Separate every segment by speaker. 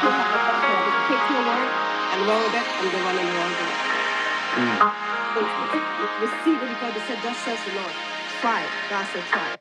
Speaker 1: You have a vessel that takes your word and run with it, and they run in the wrong direction. Right? So Right. let's not receive it because they said, Thus says the Lord. Try it. God said, Try it.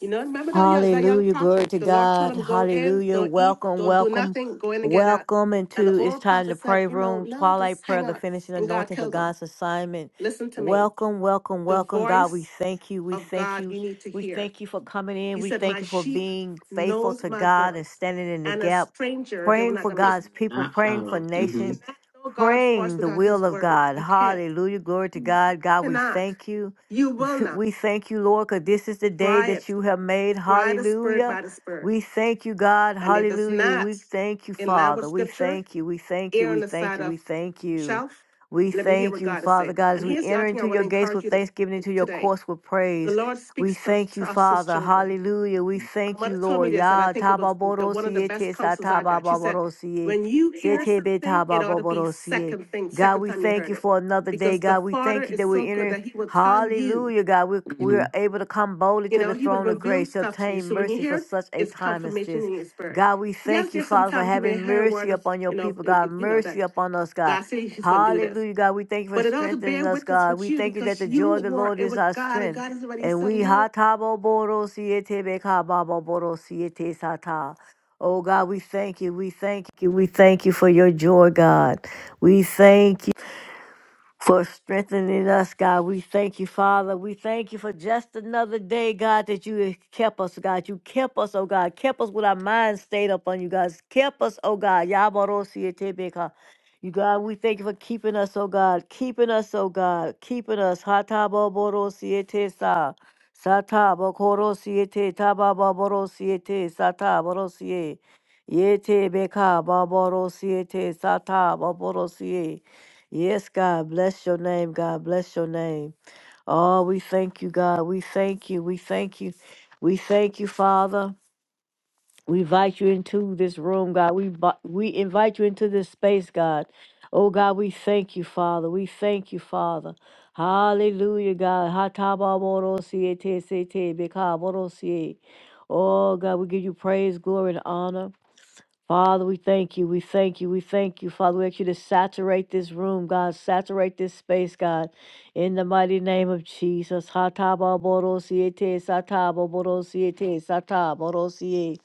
Speaker 1: You know, remember that young, that young
Speaker 2: Hallelujah. Glory
Speaker 1: prophet?
Speaker 2: to
Speaker 1: The Lord told
Speaker 2: God.
Speaker 1: him, Go in,
Speaker 2: Hallelujah.
Speaker 1: don't eat,
Speaker 2: Welcome,
Speaker 1: don't do
Speaker 2: welcome,
Speaker 1: nothing, go in and get out.
Speaker 2: welcome
Speaker 1: And the
Speaker 2: into It's
Speaker 1: old
Speaker 2: Time to
Speaker 1: prophet said,
Speaker 2: Pray
Speaker 1: You know,
Speaker 2: Room,
Speaker 1: no, just
Speaker 2: Twilight Prayer,
Speaker 1: hang
Speaker 2: the
Speaker 1: out.
Speaker 2: finishing
Speaker 1: And God
Speaker 2: anointing for
Speaker 1: killed him.
Speaker 2: God's assignment.
Speaker 1: Listen to me.
Speaker 2: Welcome, welcome,
Speaker 1: The
Speaker 2: welcome. God, we
Speaker 1: voice
Speaker 2: thank you. We
Speaker 1: of
Speaker 2: thank
Speaker 1: God
Speaker 2: you.
Speaker 1: you need to
Speaker 2: We
Speaker 1: hear.
Speaker 2: thank you for coming in.
Speaker 1: He
Speaker 2: We
Speaker 1: said,
Speaker 2: thank
Speaker 1: My
Speaker 2: you for
Speaker 1: sheep
Speaker 2: being faithful
Speaker 1: knows
Speaker 2: to
Speaker 1: my
Speaker 2: God and
Speaker 1: voice,
Speaker 2: standing in the
Speaker 1: and a
Speaker 2: gap,
Speaker 1: stranger they were
Speaker 2: praying
Speaker 1: not
Speaker 2: for
Speaker 1: going to They
Speaker 2: God's
Speaker 1: listen. will
Speaker 2: people,
Speaker 1: not
Speaker 2: praying for
Speaker 1: follow. You hmm
Speaker 2: nation,
Speaker 1: cannot know God's voice
Speaker 2: praying the
Speaker 1: without His
Speaker 2: will of
Speaker 1: word.
Speaker 2: God.
Speaker 1: You can't.
Speaker 2: Hallelujah. Glory to
Speaker 1: Mhm.
Speaker 2: God. God, we
Speaker 1: Cannot.
Speaker 2: thank you.
Speaker 1: You will not.
Speaker 2: We thank you, Lord, because this is the day
Speaker 1: Try
Speaker 2: that
Speaker 1: it.
Speaker 2: you have made.
Speaker 1: Try the Spirit
Speaker 2: Hallelujah.
Speaker 1: by the Spirit.
Speaker 2: We thank you, God.
Speaker 1: And if it's
Speaker 2: Hallelujah. We
Speaker 1: not
Speaker 2: thank you,
Speaker 1: in line with
Speaker 2: Father. We
Speaker 1: Scripture,
Speaker 2: thank you. We thank you.
Speaker 1: err on
Speaker 2: We
Speaker 1: the
Speaker 2: thank
Speaker 1: side
Speaker 2: you. We
Speaker 1: of
Speaker 2: thank you.
Speaker 1: shelf.
Speaker 2: We
Speaker 1: Let me hear
Speaker 2: thank
Speaker 1: what
Speaker 2: you,
Speaker 1: God is
Speaker 2: Father
Speaker 1: saying.
Speaker 2: God,
Speaker 1: And
Speaker 2: as we
Speaker 1: here's the
Speaker 2: enter
Speaker 1: other thing I
Speaker 2: into
Speaker 1: want
Speaker 2: your
Speaker 1: to
Speaker 2: gates
Speaker 1: encourage
Speaker 2: with
Speaker 1: you to,
Speaker 2: thanksgiving, into your
Speaker 1: today.
Speaker 2: courts with
Speaker 1: The
Speaker 2: praise.
Speaker 1: Lord
Speaker 2: We
Speaker 1: speaks to,
Speaker 2: thank you,
Speaker 1: to us, His
Speaker 2: Father.
Speaker 1: children.
Speaker 2: Hallelujah. We
Speaker 1: My
Speaker 2: thank you,
Speaker 1: mother told me
Speaker 2: Lord.
Speaker 1: this, and I
Speaker 2: Yah
Speaker 1: think it was the one of the
Speaker 2: tababorosie
Speaker 1: best
Speaker 2: te
Speaker 1: counsels I got. She said,
Speaker 2: satababorosie.
Speaker 1: "When you hear
Speaker 2: Setebe
Speaker 1: something, it ought to be
Speaker 2: tababorosie.
Speaker 1: second thing,
Speaker 2: God,
Speaker 1: second
Speaker 2: we
Speaker 1: time you
Speaker 2: thank
Speaker 1: heard
Speaker 2: you
Speaker 1: it,
Speaker 2: for another day.
Speaker 1: because the
Speaker 2: God, we
Speaker 1: Father
Speaker 2: thank you that
Speaker 1: is
Speaker 2: we're
Speaker 1: so good
Speaker 2: entering
Speaker 1: that He will tell you.
Speaker 2: Hallelujah, God. we we're
Speaker 1: Mhm.
Speaker 2: able to come boldly
Speaker 1: You
Speaker 2: to
Speaker 1: know,
Speaker 2: the
Speaker 1: He would
Speaker 2: throne of
Speaker 1: reveal
Speaker 2: grace to
Speaker 1: stuff to you.
Speaker 2: obtain
Speaker 1: So when you
Speaker 2: mercy for
Speaker 1: hear it,
Speaker 2: such a
Speaker 1: it's
Speaker 2: time as
Speaker 1: confirmation
Speaker 2: this.
Speaker 1: in your spirit.
Speaker 2: God, we
Speaker 1: Yes,
Speaker 2: thank you,
Speaker 1: there's
Speaker 2: Father, for
Speaker 1: sometimes you may
Speaker 2: having
Speaker 1: hear a
Speaker 2: mercy
Speaker 1: word of,
Speaker 2: upon your
Speaker 1: you know,
Speaker 2: people,
Speaker 1: in-
Speaker 2: God.
Speaker 1: in- you know
Speaker 2: Mercy
Speaker 1: that
Speaker 2: upon us, God.
Speaker 1: God said He's going to do this,
Speaker 2: Hallelujah, God. We thank you for
Speaker 1: but it ought to
Speaker 2: strengthening
Speaker 1: bear
Speaker 2: us,
Speaker 1: witness
Speaker 2: God.
Speaker 1: with
Speaker 2: We
Speaker 1: you
Speaker 2: thank you that
Speaker 1: because
Speaker 2: the joy of
Speaker 1: you
Speaker 2: the
Speaker 1: were
Speaker 2: Lord
Speaker 1: it
Speaker 2: is
Speaker 1: with
Speaker 2: our
Speaker 1: God, and
Speaker 2: strength.
Speaker 1: God has already
Speaker 2: And we
Speaker 1: settled
Speaker 2: ha
Speaker 1: you.
Speaker 2: ta bo bo ro si e te be ka ba bo bo ro si e te sa ta. Oh God, we thank you. We thank you. We thank you for your joy, God. We thank you for strengthening us, God. We thank you, Father. We thank you for just another day, God, that you kept us, God. You kept us, oh God. Kept us with our minds stayed up on you, God. Kept us, oh God. Yabarosiyatebeka. You God, we thank you for keeping us, oh God. Keeping us, oh God. Keeping us. Hataboborosiyatesa. Satabokorosiyate, tabababorosiyate, sataborosiye. Yetebeka, baborosiyate, sataboborosiye. Yes, God, bless your name, God, bless your name. Oh, we thank you, God. We thank you. We thank you. We thank you, Father. We invite you into this room, God. We bu- we invite you into this space, God. Oh God, we thank you, Father. We thank you, Father. Hallelujah, God. Hatabamodosie, tesete, bekabodosie. Oh God, we give you praise, glory, and honor. Father, we thank you. We thank you. We thank you. Father, we ask you to saturate this room, God. Saturate this space, God. In the mighty name of Jesus. Hatababorosiete, satababorosiete, sataborosie.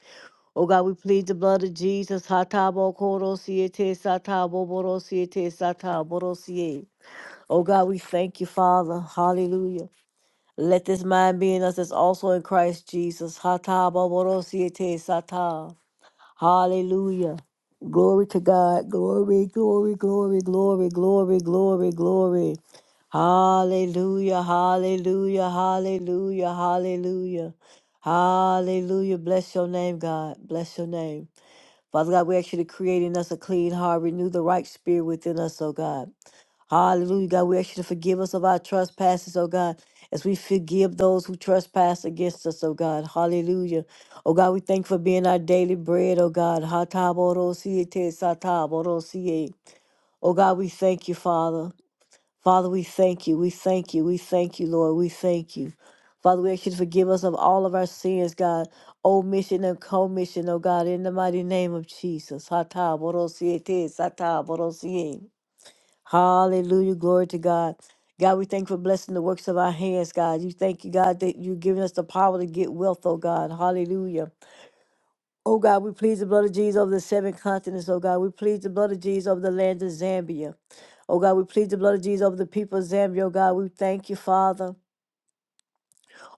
Speaker 2: Oh God, we plead the blood of Jesus. Hatabokorosiete, sataboborosiete, sataborosie. Oh God, we thank you, Father. Hallelujah. Let this mind be in us that's also in Christ Jesus. Hatababorosiete, sata. Hallelujah. Glory to God. Glory, glory, glory, glory, glory, glory, glory. Hallelujah, hallelujah, hallelujah, hallelujah. Hallelujah. Bless your name, God. Bless your name. Father God, we ask you to create in us a clean heart, renew the right spirit within us, oh God. Hallelujah, God. We ask you to forgive us of our trespasses, oh God, as we forgive those who trespass against us, oh God. Hallelujah. Oh God, we thank you for being our daily bread, oh God. Hatabodosie satabodosie. Oh God, we thank you, Father. Father, we thank you. We thank you. We thank you, Lord. We thank you. Father, we ask you to forgive us of all of our sins, God, omission and commission, oh God, in the mighty name of Jesus. Hatabodosie satabodosie. Hallelujah. Glory to God. God, we thank you for blessing the works of our hands, God. You thank you, God, that you've given us the power to get wealth, oh God. Hallelujah. Oh God, we please the blood of Jesus over the seven continents, oh God. We please the blood of Jesus over the land of Zambia. Oh God, we please the blood of Jesus over the people of Zambia, oh God. We thank you, Father.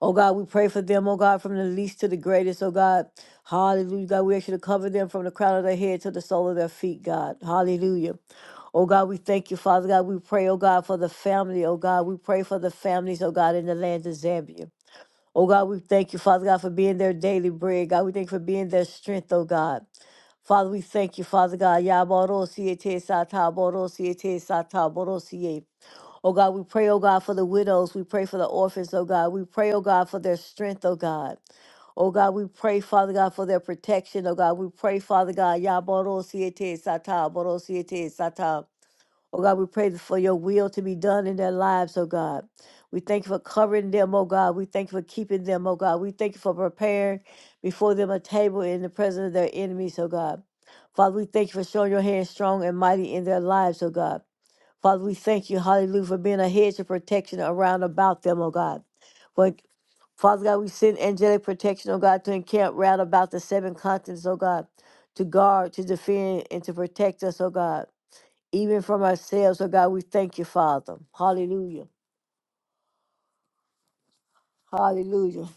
Speaker 2: Oh God, we pray for them, oh God, from the least to the greatest, oh God. Hallelujah. God, we ask you to cover them from the crown of their head to the sole of their feet, God. Hallelujah. Oh God, we thank you, Father God. We pray, oh God, for the family, oh God. We pray for the families, oh God, in the land of Zambia. Oh God, we thank you, Father God, for being their daily bread. God, we thank you for being their strength, oh God. Father, we thank you, Father God. Yaboro siete sata boro siete sata boro siete. Oh God, we pray, oh God, for the widows. We pray for the orphans, oh God. We pray, oh God, for their strength, oh God. Oh God, we pray, Father God, for their protection, oh God. We pray, Father God, Ya Boro Siete Sata, Boro Siete Sata. Oh God, we pray for your will to be done in their lives, oh God. We thank you for covering them, oh God. We thank you for keeping them, oh God. We thank you for preparing before them a table in the presence of their enemies, oh God. Father, we thank you for showing your hand strong and mighty in their lives, oh God. Father, we thank you, hallelujah, for being a hedge of protection around about them, oh God. For, Father God, we send angelic protection, oh God, to encamp round about the seven continents, oh God, to guard, to defend, and to protect us, oh God, even from ourselves, oh God. We thank you, Father. Hallelujah. Hallelujah.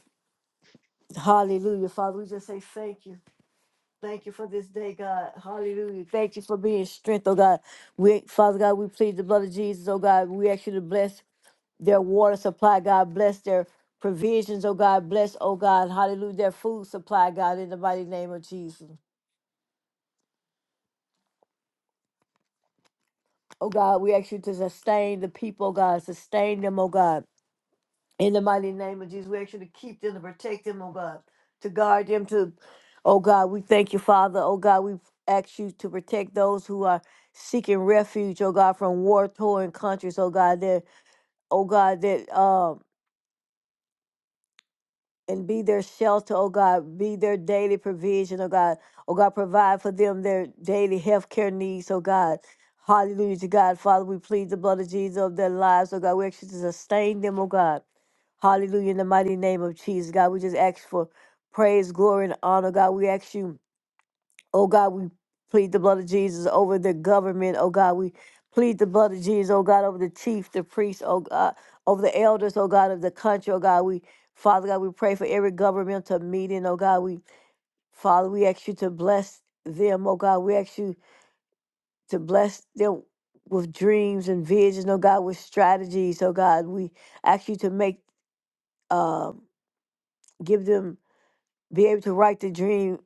Speaker 2: Hallelujah. Father, we just say thank you. Thank you for this day, God. Hallelujah. Thank you for being strength, oh God. We, Father God, we plead the blood of Jesus, oh God. We ask you to bless their water supply, God bless their provisions, oh God, bless, oh God, hallelujah, their food supply, God, in the mighty name of Jesus. Oh God, we ask you to sustain the people, oh God, sustain them, oh God, in the mighty name of Jesus. We ask you to keep them, to protect them, oh God, to guard them, to, oh God, we thank you, Father, oh God, we ask you to protect those who are seeking refuge, oh God, from war torn countries, oh God, that, oh God, that, Um. and be their shelter, oh God, be their daily provision, oh God. Oh God, provide for them their daily health care needs, oh God. Hallelujah to God. Father, we plead the blood of Jesus of their lives, oh God. We ask you to sustain them, oh God. Hallelujah in the mighty name of Jesus, God. We just ask for praise, glory, and honor, God. We ask you. Oh God, we plead the blood of Jesus over the government. Oh God, we plead the blood of Jesus. Oh God, over the chief, the priest. Oh God, over the elders. Oh God, of the country. Oh God, we Father God, we pray for every governmental meeting. Oh God, we Father, we ask you to bless them. Oh God, we ask you to bless them with dreams and visions. Oh God, with strategies. Oh God, we ask you to make um give them be able to write the dream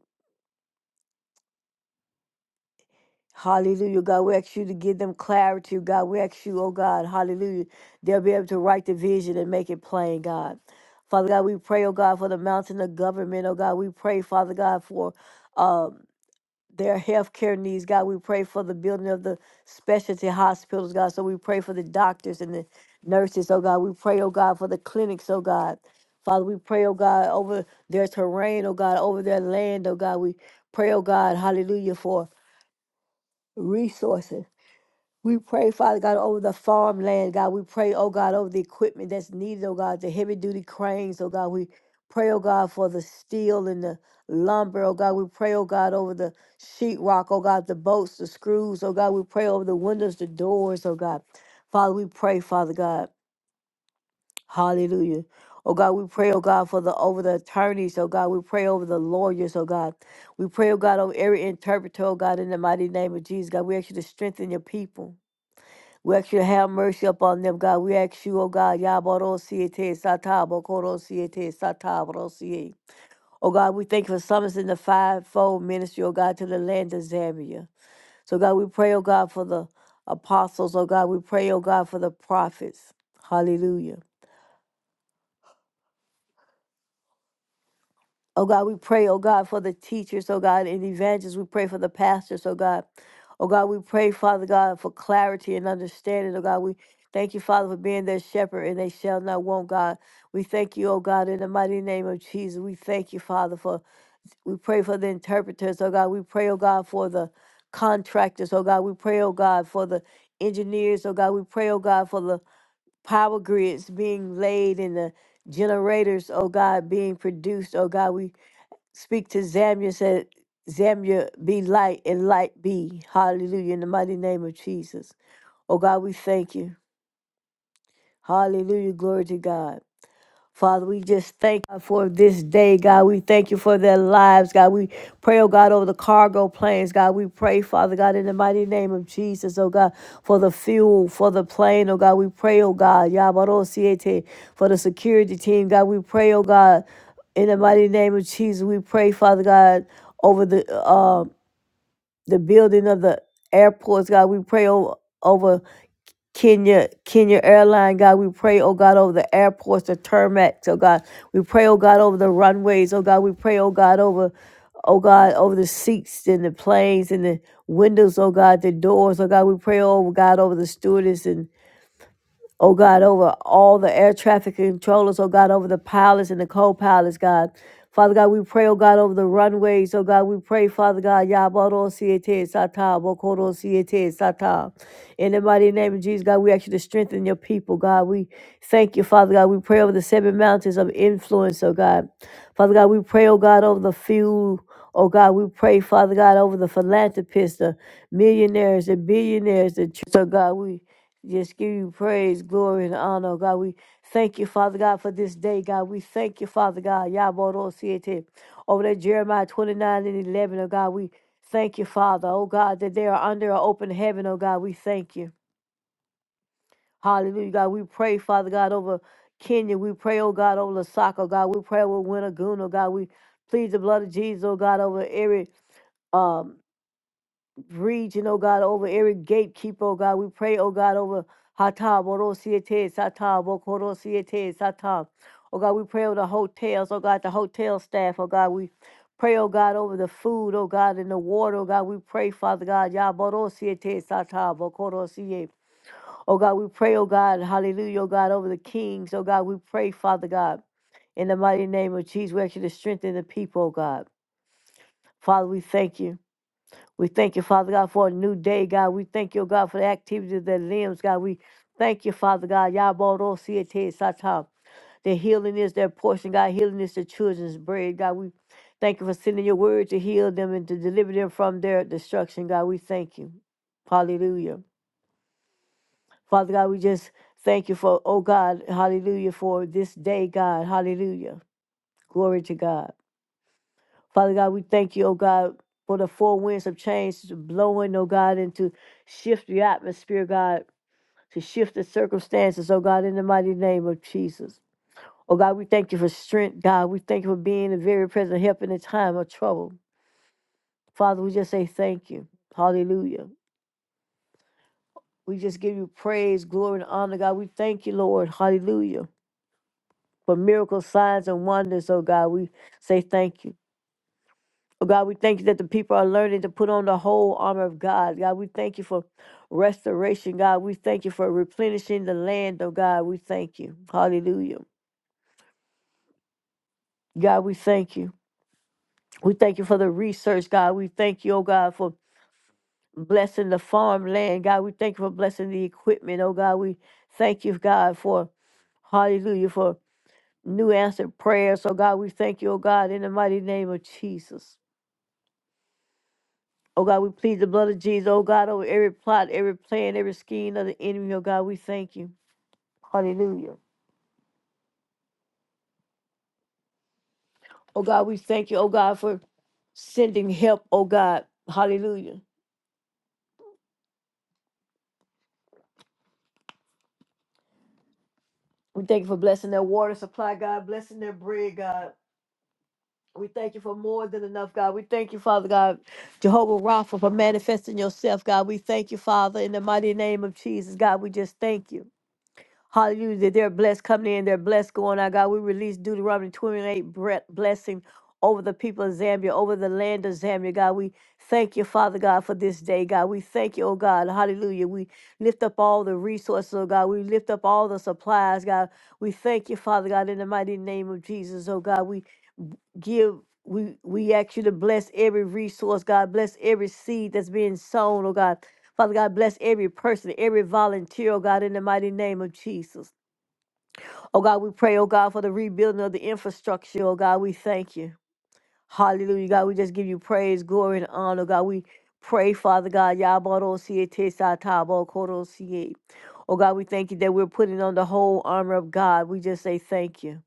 Speaker 2: Hallelujah. God, we ask you to give them clarity. God, we ask you, oh God, hallelujah. They'll be able to write the vision and make it plain, God. Father God, we pray, oh God, for the mountain of government, oh God. We pray, Father God, for um, their health care needs, God. We pray for the building of the specialty hospitals, God. So we pray for the doctors and the nurses, oh God. We pray, oh God, for the clinics, oh God. Father, we pray, oh God, over their terrain, oh God, over their land, oh God. We pray, oh God, hallelujah, for resources. We pray, Father God, over the farmland, God. We pray, oh God, over the equipment that's needed, oh God, the heavy duty cranes, oh God. We pray, oh God, for the steel and the lumber, oh God. We pray, oh God, over the sheetrock, oh God, the bolts, the screws, oh God. We pray over the windows, the doors, oh God. Father, we pray, Father God. Hallelujah. Oh God, we pray, oh God, for the over the attorneys, oh God. We pray over the lawyers, oh God. We pray, oh God, over every interpreter, oh God, in the mighty name of Jesus, God. We ask you to strengthen your people. We ask you to have mercy upon them, God. We ask you, oh God, Yabarosiete Satabo Korosiete Satabarosie. Oh God, we thank you for summoning the fivefold ministry, oh God, to the land of Zambia. So God, we pray, oh God, for the apostles, oh God. We pray, oh God, for the prophets. Hallelujah. Oh God, we pray, oh God, for the teachers, oh God, and evangelists. We pray for the pastors, oh God. Oh God, we pray, Father God, for clarity and understanding, oh God. We thank you, Father, for being their shepherd, and they shall not want, God. We thank you, oh God, in the mighty name of Jesus. We thank you, Father, for we pray for the interpreters, oh God. We pray, oh God, for the contractors, oh God. We pray, oh God, for the engineers, oh God. We pray, oh God, for the power grids being laid and the generators, oh God, being produced, oh God. We speak to Zamya, said, Zamya, be light and light be. Hallelujah. In the mighty name of Jesus. Oh God, we thank you. Hallelujah. Glory to God. Father, we just thank God for this day, God. We thank you for their lives, God. We pray, oh God, over the cargo planes, God. We pray, Father God, in the mighty name of Jesus, oh God, for the fuel, for the plane, oh God. We pray, oh God, Yabarosiete, for the security team, God. We pray, oh God, in the mighty name of Jesus. We pray, Father God, over the um the building of the airports, God. We pray over, over Kenya, Kenya Airline, God. We pray, oh God, over the airports, the tarmacs, oh God. We pray, oh God, over the runways, oh God. We pray, oh God, over, oh God, over the seats and the planes and the windows, oh God, the doors, oh God. We pray, oh God, over the stewardess and. Oh God, over all the air traffic controllers, oh God, over the pilots and the co pilots, God. Father God, we pray, oh God, over the runways, oh God, we pray, Father God, Yaboro Siete Sata, Bokoro Siete Sata. In the mighty name of Jesus, God, we ask you to strengthen your people, God. We thank you, Father God. We pray over the seven mountains of influence, oh God. Father God, we pray, oh God, over the few, oh God, we pray, Father God, over the philanthropists, the millionaires, the billionaires, the tr- so God, we just give you praise, glory, and honor, God. We thank you, Father God, for this day, God. We thank you, Father God. Yaboro Siete. Over there, Jeremiah 29 and 11, oh God, we thank you, Father, oh God, that they are under an open heaven, oh God. We thank you. Hallelujah, God. We pray, Father God, over Kenya. We pray, oh God, over Lasaka, oh God. We pray over Winnagoon, oh God. We plead the blood of Jesus, oh God, over every. Um, region, oh God, over every gatekeeper, oh God. We pray, oh God, over hata, Oro Siete, sata, Okoro Siete, sata. Oh God, we pray over the hotels, oh God, the hotel staff, oh God. We pray, oh God, over the food, oh God, and the water, oh God. We pray, Father God, Yaboro Siete, sata, Okoro Siete. Oh God, we pray, oh God, hallelujah, oh God, over the kings, oh God. We pray, Father God, in the mighty name of Jesus, we ask you to strengthen the people, oh God. Father, we thank you. We thank you, Father God, for a new day, God. We thank you, God, for the activities of the limbs, God. We thank you, Father God. Yaboro siete sata. The healing is their portion, God. Healing is the children's bread, God. We thank you for sending your word to heal them and to deliver them from their destruction, God. We thank you. Hallelujah. Father God, we just thank you for, oh God, hallelujah, for this day, God. Hallelujah. Glory to God. Father God, we thank you, oh God, for the four winds of change blowing, oh God, and to shift the atmosphere, God, to shift the circumstances, oh God, in the mighty name of Jesus. Oh God, we thank you for strength, God. We thank you for being a very present help in a time of trouble. Father, we just say thank you. Hallelujah. We just give you praise, glory, and honor, God. We thank you, Lord. Hallelujah. For miracles, signs, and wonders, oh God, we say thank you. Oh, God, we thank you that the people are learning to put on the whole armor of God. God, we thank you for restoration. God, we thank you for replenishing the land. Oh, God, we thank you. Hallelujah. God, we thank you. We thank you for the research, God. We thank you, oh God, for blessing the farmland. God, we thank you for blessing the equipment. Oh God, we thank you, God, for hallelujah, for new answered prayers. Oh God, we thank you, oh God, in the mighty name of Jesus. Oh God, we plead the blood of Jesus. Oh God, over every plot, every plan, every scheme of the enemy. Oh God, we thank you. Hallelujah. Oh God, we thank you. Oh God, for sending help. Oh God, hallelujah. We thank you for blessing their water supply, God, blessing their bread, God. We thank you for more than enough, God. We thank you, Father God, Jehovah Rapha, for manifesting yourself, God. We thank you, Father, in the mighty name of Jesus, God. We just thank you. Hallelujah. That they're blessed coming in, they're blessed going out. God, we release Deuteronomy 28 bre- blessing over the people of Zambia, over the land of Zambia. God, we thank you, Father God, for this day. God, we thank you, oh God. Hallelujah. We lift up all the resources, oh God. We lift up all the supplies, God. We thank you, Father God, in the mighty name of Jesus, oh God. We give. We, we ask you to bless every resource, God. Bless every seed that's being sown, oh God. Father God, bless every person, every volunteer, oh God, in the mighty name of Jesus. Oh God, we pray, oh God, for the rebuilding of the infrastructure. Oh God, we thank you. Hallelujah. God, we just give you praise, glory, and honor. God, we pray, Father God. Yabarosietesatabokorosiye. Oh God, we thank you that we're putting on the whole armor of God. We just say thank you.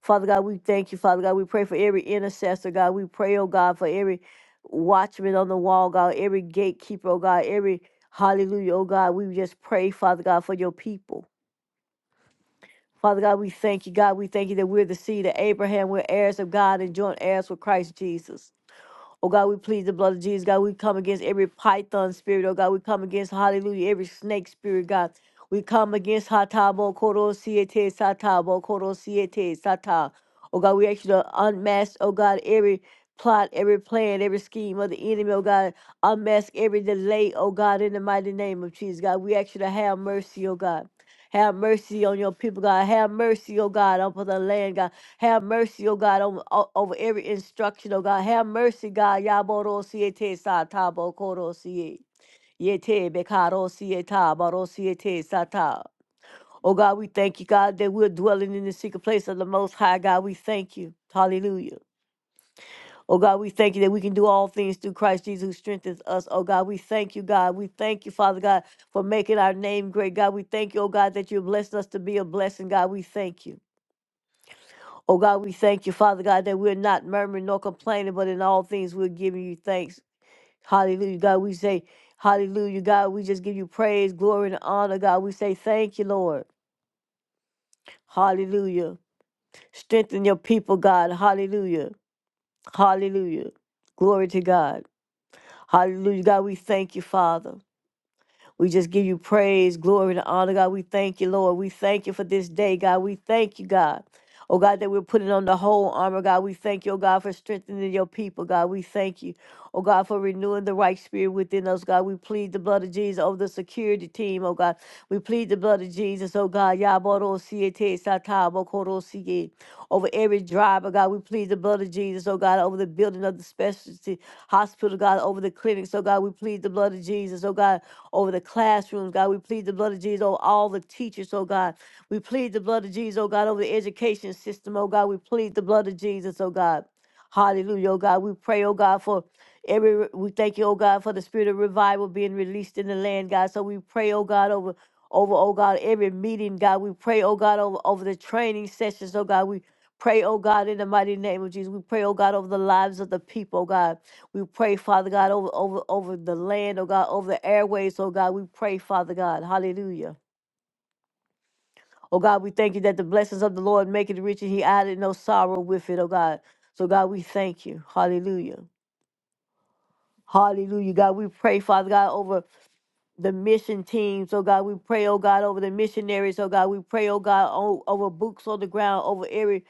Speaker 2: Father God, we thank you, Father God. We pray for every intercessor, God. We pray, oh God, for every watchman on the wall, God, every gatekeeper, oh God, every hallelujah, oh God. We just pray, Father God, for your people. Father God, we thank you. God, we thank you that we're the seed of Abraham. We're heirs of God and joint heirs with Christ Jesus. Oh God, we plead the blood of Jesus. God, we come against every python spirit. Oh God, we come against, hallelujah, every snake spirit, God. We come against Hatabo Koro Siete Satabo Koro Siete Sata. Oh God, we actually unmask, oh God, every plot, every plan, every scheme of the enemy, oh God. Unmask every delay, oh God, in the mighty name of Jesus, God. We actually have mercy, oh God. Have mercy on your people, God. Have mercy, oh God, upon the land, God. Have mercy, oh God, over, o- over every instruction, oh God. Have mercy, God. Yaboro siete sa tabo koro siye. Yete bekaro sieta baro siete sata. Oh God, we thank you, God, that we're dwelling in the secret place of the Most High. God, we thank you. Hallelujah. Oh God, we thank you that we can do all things through Christ Jesus who strengthens us. Oh God, we thank you, God. We thank you, Father God, for making our name great. God, we thank you, oh God, that you're blessing us to be a blessing. God, we thank you. Oh God, we thank you, Father God, that we're not murmuring nor complaining, but in all things we're giving you thanks. Hallelujah. God, we say, Hallelujah. God, we just give you praise, glory, and honor. God, we say, Thank you, Lord. Hallelujah. Strengthen your people, God. Hallelujah. Hallelujah. Glory to God. Hallelujah. God, we thank you, Father. We just give you praise, glory, and honor, God. We thank you, Lord. We thank you for this day, God. We thank you, God. Oh God, that we're putting on the whole armor, God. We thank you, oh God, for strengthening your people, God. We thank you. Oh God, for renewing the right spirit within us, God. We plead the blood of Jesus over the security team, oh God. We plead the blood of Jesus, oh God. Yaboro siete satabo koro siye. Over every driver, God. We plead the blood of Jesus, oh God, over the building of the specialty hospital, God, over the clinics, oh God. We plead the blood of Jesus, oh God, over the classrooms, God. We plead the blood of Jesus over all the teachers, oh God. We plead the blood of Jesus, oh God, over the education system, oh God. We plead the blood of Jesus, oh God. Hallelujah, oh God. We pray, oh God, for Every we thank you, oh God, for the spirit of revival being released in the land, God. So we pray, oh God, over over, oh God, every meeting, God. We pray, oh God, over over the training sessions, oh God. We pray, oh God, in the mighty name of Jesus. We pray, oh God, over the lives of the people, oh God. We pray, Father God, over over over the land, oh God, over the airways, oh God. We pray, Father God. Hallelujah. Oh God, we thank you that the blessings of the Lord make it rich and he added no sorrow with it, oh God. So God, we thank you. Hallelujah. Hallelujah. God, we pray, Father God, over the mission teams, oh God. We pray, oh God, over the missionaries, oh God. We pray, oh God, o- over books on the ground, over every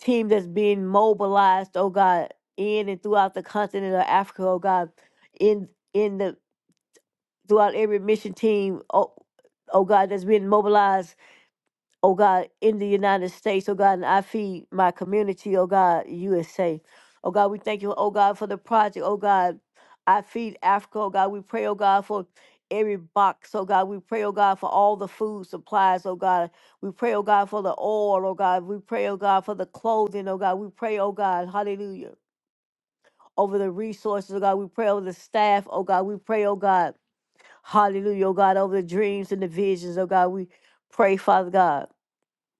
Speaker 2: team that's being mobilized, oh God, in and throughout the continent of Africa, oh God, in in the throughout every mission team, oh, oh God, that's being mobilized oh God, in the United States, oh God, and I feed my community, oh God, USA. Oh God, we thank you, oh God, for the project, oh God, I feed Africa, oh God, we pray, oh God, for every box, oh God, we pray, oh God, for all the food supplies, oh God, we pray, oh God, for the oil, oh God, we pray, oh God, for the clothing, oh God, we pray, oh God, hallelujah. Over the resources, oh God, we pray over the staff, oh God, we pray, oh God, hallelujah, oh God, over the dreams and the visions, oh God, we pray, Father God.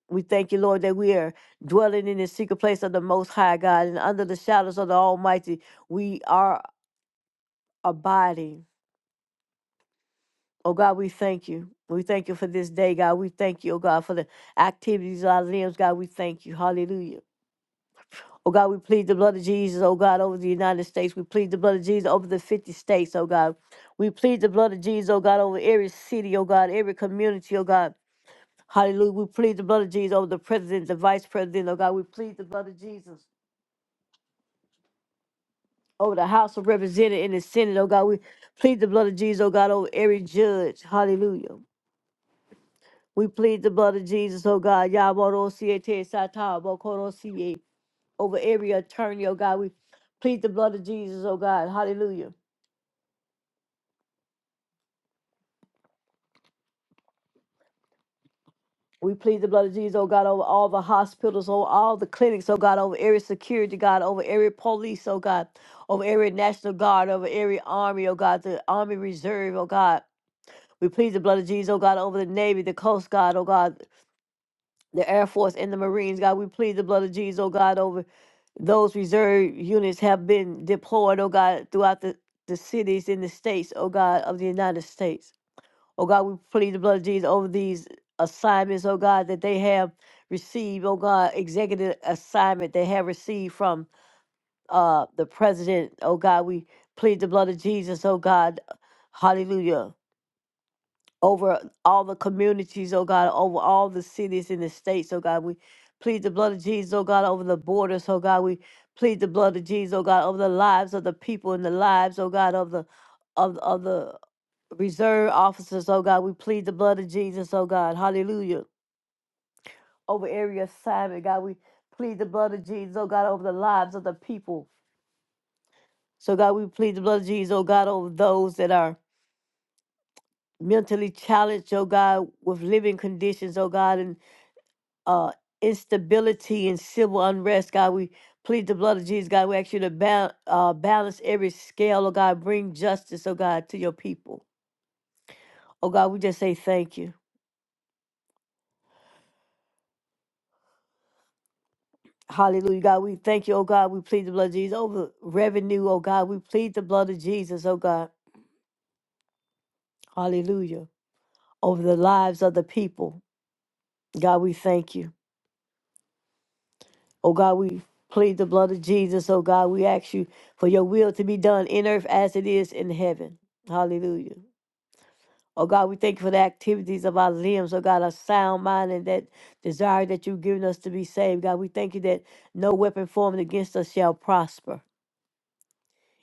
Speaker 2: We thank you, Lord, that we are dwelling in the secret place of the Most High God and under the shadows of the Almighty. We are abiding. Oh God, we thank you. We thank you for this day, God. We thank you, oh God, for the activities of our limbs, God. We thank you. Hallelujah. Oh God, we plead the blood of Jesus, oh God, over the United States. We plead the blood of Jesus over the 50 states, oh God. We plead the blood of Jesus, oh God, over every city, oh God, every community, oh God. Hallelujah. We plead the blood of Jesus over the president, the vice president, oh God. We plead the blood of Jesus over the House of Representatives and the Senate, oh God. We plead the blood of Jesus, oh God, over every judge. Hallelujah. We plead the blood of Jesus, oh God. Yabarosiete sata, bokorosie, Over every attorney, oh God. We plead the blood of Jesus, oh God. Hallelujah. We plead the blood of Jesus, oh God, over all the hospitals, over all the clinics, oh God, over every security, God, over every police, oh God, over every National Guard, over every army, oh God, the Army Reserve, oh God. We plead the blood of Jesus, oh God, over the Navy, the Coast Guard, oh God. the Air Force and the Marines, God. We plead the blood of Jesus, oh God, over those reserve units have been deployed, oh God, throughout the, the cities in the states, oh God, of the United States. Oh God, we plead the blood of Jesus over these assignments, oh God, that they have received, oh God, executive assignment they have received from uh the president, oh God. We plead the blood of Jesus, oh God. Hallelujah over all the communities, oh God, over all the cities in the states, oh God. We plead the blood of Jesus, oh God, over the borders, oh God. We plead the blood of Jesus, oh God, over the lives of the people and the lives, oh God, of the of, of the reserve officers, oh God. We plead the blood of Jesus, oh God. Hallelujah. Over area assignment, God, we plead the blood of Jesus, oh God, over the lives of the people. So God, we plead the blood of Jesus, oh God, over those that are mentally challenged, oh God, with living conditions, oh God, And uh, instability and civil unrest. God, we plead the blood of Jesus. God, we ask you to ba- uh, balance every scale. Oh, God, bring justice, oh, God, to your people. Oh, God, we just say thank you. Hallelujah. God, we thank you. Oh, God, we plead the blood of Jesus over revenue. Oh, God, we plead the blood of Jesus. Oh, God, hallelujah. Over the lives of the people. God, we thank you. Oh, God, we plead the blood of Jesus. Oh, God, we ask you for your will to be done in earth as it is in heaven. Hallelujah. Oh God, we thank you for the activities of our limbs. Oh God, a sound mind and that desire that you've given us to be saved. God, we thank you that no weapon formed against us shall prosper.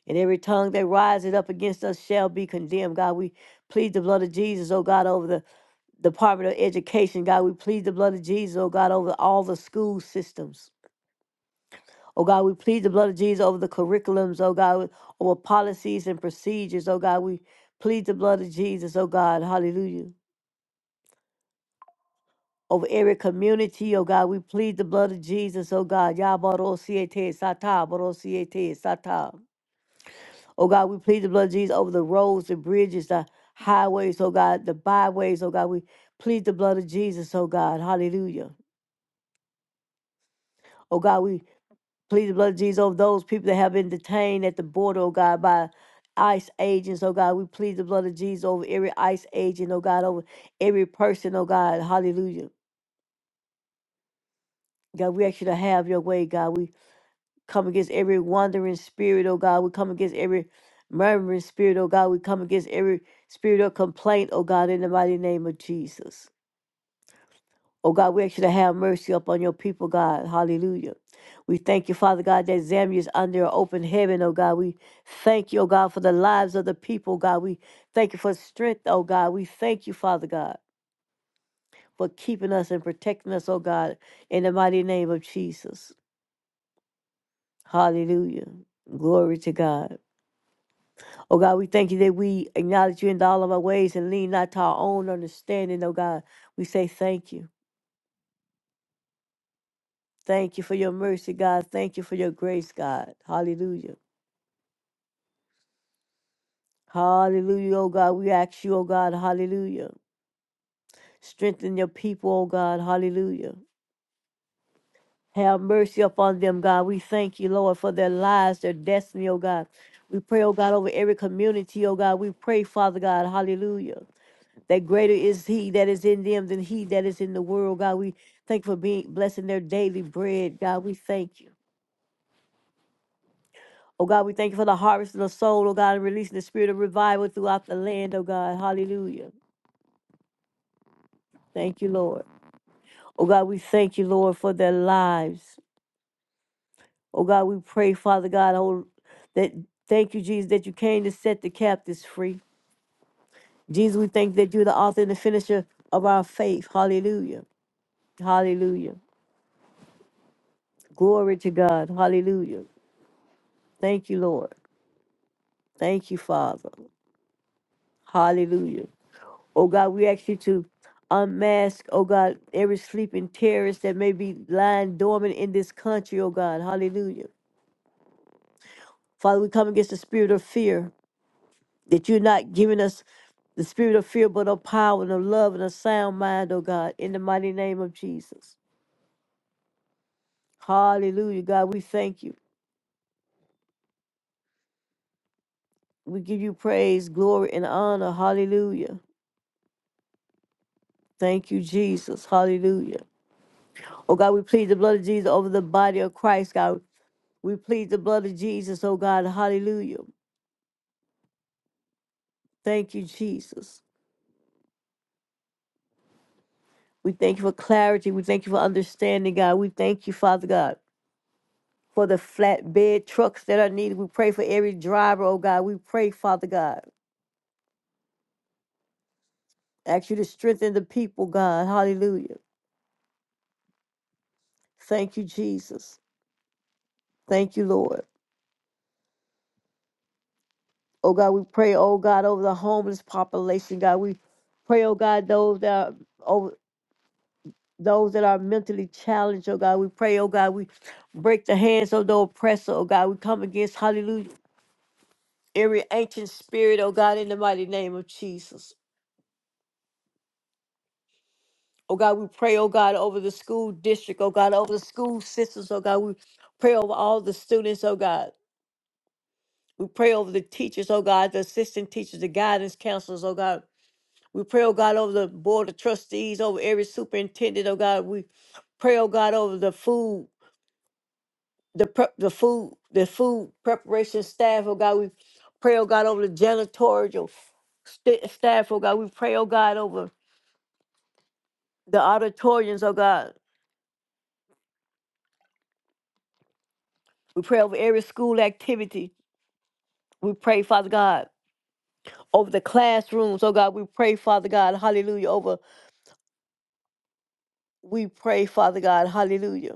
Speaker 2: And every tongue that rises up against us shall be condemned. God, we plead the blood of Jesus, oh God, over the Department of Education. God, we plead the blood of Jesus, oh God, over all the school systems. Oh God, we plead the blood of Jesus over the curriculums, oh God, over policies and procedures. Oh God, we plead the blood of Jesus, oh God, hallelujah over every community, oh God. We plead the blood of Jesus, oh God. Yabarosiete sata, barosiete sata. Oh God, we plead the blood of Jesus over the roads, the bridges, the highways, oh God, the byways, oh God. We plead the blood of Jesus, oh God. Hallelujah. Oh God, we plead the blood of Jesus over those people that have been detained at the border, oh God, by ICE agents, oh God. We plead the blood of Jesus over every ICE agent, oh God, over every person, oh God. Hallelujah. God, we ask you to have your way, God. We come against every wandering spirit, oh God. We come against every murmuring spirit, oh God. We come against every spirit of complaint, oh God, in the mighty name of Jesus. Oh God, we ask you to have mercy upon your people, God. Hallelujah. We thank you, Father God, that Zambia is under an open heaven, oh God. We thank you, oh God, for the lives of the people, God. We thank you for strength, oh God. We thank you, Father God, for keeping us and protecting us, oh God, in the mighty name of Jesus. Hallelujah. Glory to God. Oh God, we thank you that we acknowledge you in all of our ways and lean not to our own understanding. Oh God, we say thank you. Thank you for your mercy, God. Thank you for your grace, God. Hallelujah. Hallelujah, oh God. We ask you, oh God, hallelujah. Strengthen your people, oh God. Hallelujah. Have mercy upon them, God. We thank you, Lord, for their lives, their destiny, oh God. We pray, oh God, over every community, oh God. We pray, Father God, hallelujah. that greater is he that is in them than he that is in the world. God, we thank you for being blessing their daily bread. God, we thank you. Oh God, we thank you for the harvest of the soul, oh God, and releasing the spirit of revival throughout the land, oh God. Hallelujah. Thank you, Lord. Oh God, we thank you, Lord, for their lives. Oh God, we pray, Father God, oh that thank you, Jesus, that you came to set the captives free. Jesus, we thank that you're the author and the finisher of our faith. Hallelujah. Hallelujah. Glory to God. Hallelujah. Thank you, Lord. Thank you, Father. Hallelujah. Oh God, we ask you to unmask, oh God, every sleeping terrorist that may be lying dormant in this country, oh God. Hallelujah. Father, we come against the spirit of fear that you're not giving us the spirit of fear, but of power and of love and a sound mind, oh God, in the mighty name of Jesus. Hallelujah, God, we thank you. We give you praise, glory, and honor. Hallelujah. Thank you, Jesus. Hallelujah. Oh God, we plead the blood of Jesus over the body of Christ, God. We plead the blood of Jesus, oh God, hallelujah. Thank you, Jesus. We thank you for clarity. We thank you for understanding, God. We thank you, Father God, for the flatbed trucks that are needed. We pray for every driver, oh God. We pray, Father God. Ask you to strengthen the people, God. Hallelujah. Thank you, Jesus. Thank you, Lord. Oh God, we pray, oh God, over the homeless population, God. We pray, oh God, those that are over those that are mentally challenged, oh God. We pray, oh God, we break the hands of the oppressor, oh God. We come against, hallelujah, every ancient spirit, oh God, in the mighty name of Jesus. Oh God, we pray, oh God, over the school district, oh God, over the school systems, oh God. We pray over all the students, oh God. We pray over the teachers, oh God, the assistant teachers, the guidance counselors, oh God. We pray, oh God, over the board of trustees, over every superintendent, oh God. We pray, oh God, over the food the prep, the food, the food preparation staff, oh God, we pray, oh God, over the janitorial st- staff, oh God, we pray, oh God, over the auditoriums, oh God, we pray over every school activity, we pray, Father God, over the classrooms, oh God, we pray, Father God, hallelujah, over, we pray, Father God, hallelujah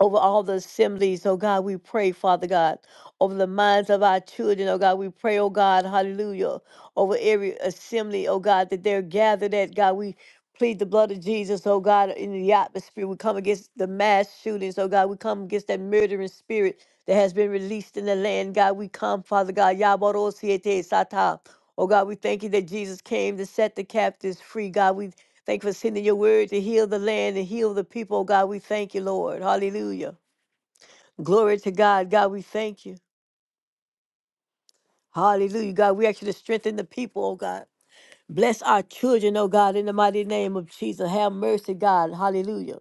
Speaker 2: over all the assemblies. Oh God, we pray, Father God, over the minds of our children. Oh God, we pray, oh God, hallelujah, over every assembly, oh God, that they're gathered at. God, we plead the blood of Jesus, oh God, in the atmosphere. We come against the mass shootings, oh God. We come against that murdering spirit that has been released in the land. God, we come, Father God. Yabarosiete Sata. Oh God, we thank you that Jesus came to set the captives free. God, we Thank you for sending your word to heal the land and heal the people. Oh God, we thank you, Lord. Hallelujah. Glory to God. God, we thank you. Hallelujah. God, we ask you to strengthen the people, oh God. Bless our children, oh God, in the mighty name of Jesus. Have mercy, God. Hallelujah.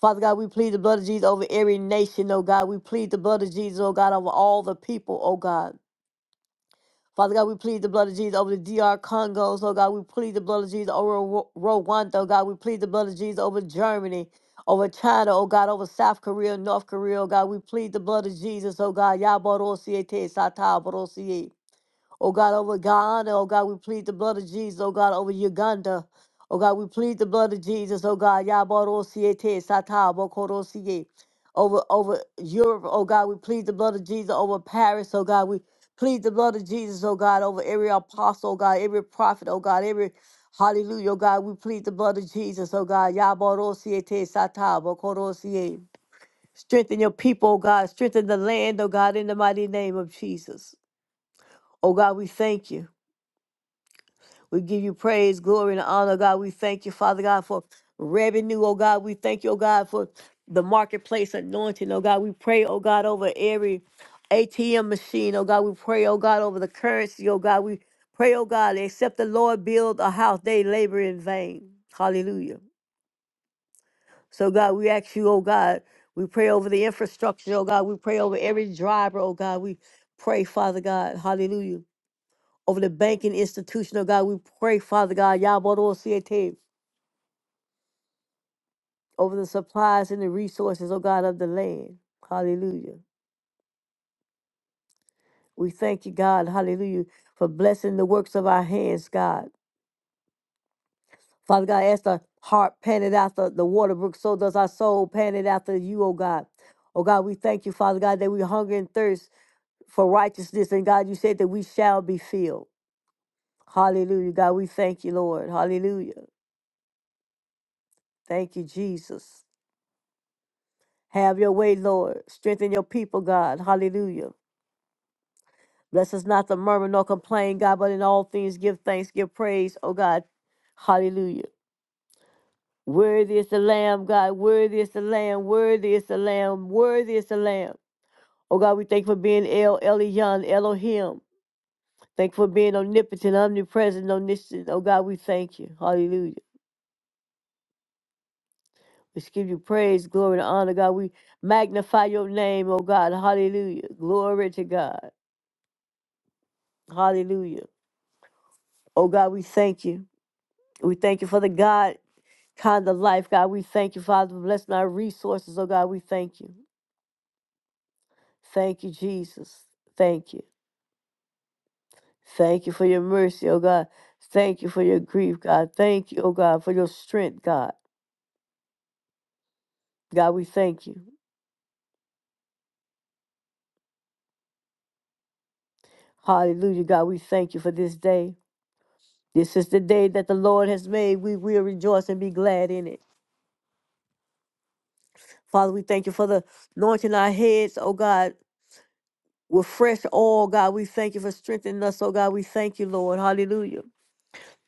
Speaker 2: Father God, we plead the blood of Jesus over every nation, oh God. We plead the blood of Jesus, oh God, over all the people, oh God. Father God, we plead the blood of Jesus over the D.R. Congos. Oh God, we plead the blood of Jesus over Ru- Rwanda. Oh God, we plead the blood of Jesus over Germany, over China. Oh God, over South Korea, North Korea. Oh God, we plead the blood of Jesus. Oh God, Yabarosiete Satabarosie. Oh God, over Ghana, oh God, we plead the blood of Jesus, oh God, over Uganda. Oh God, we plead the blood of Jesus, oh God, Yaborosiete, Sata, Bokorosie. Over over Europe, oh God, we plead the blood of Jesus over Paris, oh God, we plead the blood of Jesus, oh God, over every apostle, oh God, every prophet, oh God, every hallelujah, oh God, we plead the blood of Jesus, oh God, Yaborosiete, Sata, Bokorosie. Strengthen your people, oh God, strengthen the land, oh God, in the mighty name of Jesus. Oh God, we thank you. We give you praise, glory, and honor, God. We thank you, Father God, for revenue, oh God. We thank you, oh God, for the marketplace anointing, oh God. We pray, oh God, over every ATM machine, oh God. We pray, oh God, over the currency, oh God. We pray, oh God, except the Lord build a house, they labor in vain. Hallelujah. So, God, we ask you, oh God, we pray over the infrastructure, oh God. We pray over every driver, oh God. We pray, Father God, hallelujah over the banking institution, oh God. We pray, Father God, Yabodosiete, over the supplies and the resources, oh God, of the land. Hallelujah. We thank you, God, hallelujah, for blessing the works of our hands, God. Father God, as the heart panted after the water brook, so does our soul panted after you, oh God. Oh God, we thank you, Father God, that we hunger and thirst for righteousness. And God, you said that we shall be filled. Hallelujah. God, we thank you, Lord. Hallelujah. Thank you, Jesus. Have your way, Lord. Strengthen your people, God. Hallelujah. Bless us not to murmur nor complain, God, but in all things give thanks, give praise, oh God. Hallelujah. Worthy is the Lamb, God. Worthy is the Lamb. Worthy is the Lamb. Worthy is the Lamb. Oh God, we thank you for being El Elyon, Elohim. Thank you for being omnipotent, omnipresent, omniscient. Oh God, we thank you. Hallelujah. We just give you praise, glory, and honor, God. We magnify your name, oh God. Hallelujah. Glory to God. Hallelujah. Oh God, we thank you. We thank you for the God kind of life. God, we thank you, Father, for blessing our resources. Oh God, we thank you. Thank you, Jesus. Thank you. Thank you for your mercy, oh God. Thank you for your grief, God. Thank you, oh God, for your strength, God. God, we thank you. Hallelujah, God, we thank you for this day. This is the day that the Lord has made. We will rejoice and be glad in it. Father, we thank you for the anointing our heads, oh God. with fresh oil, God. We thank you for strengthening us. Oh, God, we thank you, Lord. Hallelujah.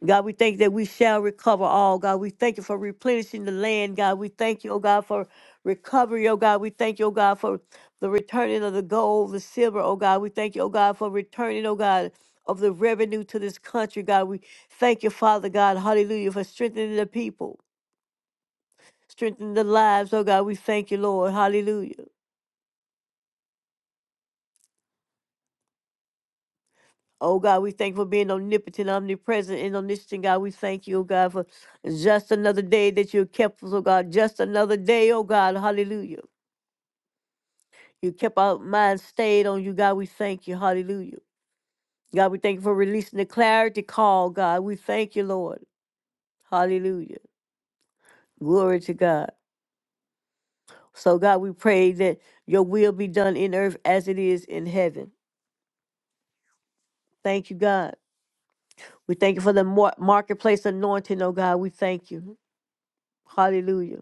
Speaker 2: God, we thank that we shall recover all. God, we thank you for replenishing the land. God, we thank you, oh God, for recovery. Oh God, we thank you, oh God, for the returning of the gold, the silver. Oh God, we thank you, oh God, for returning, oh God, of the revenue to this country. God, we thank you, Father God. Hallelujah, for strengthening the people, strengthening the lives. Oh God, we thank you, Lord. Hallelujah. Oh God, we thank you for being omnipotent, omnipresent, and omniscient. God, we thank you, oh God, for just another day that you kept us, oh God. Just another day, oh God. Hallelujah. You kept our minds stayed on you, God. We thank you. Hallelujah. God, we thank you for releasing the clarity call, God. We thank you, Lord. Hallelujah. Glory to God. So, God, we pray that your will be done in earth as it is in heaven. Thank you, God. We thank you for the mar- marketplace anointing, oh God. We thank you. Hallelujah.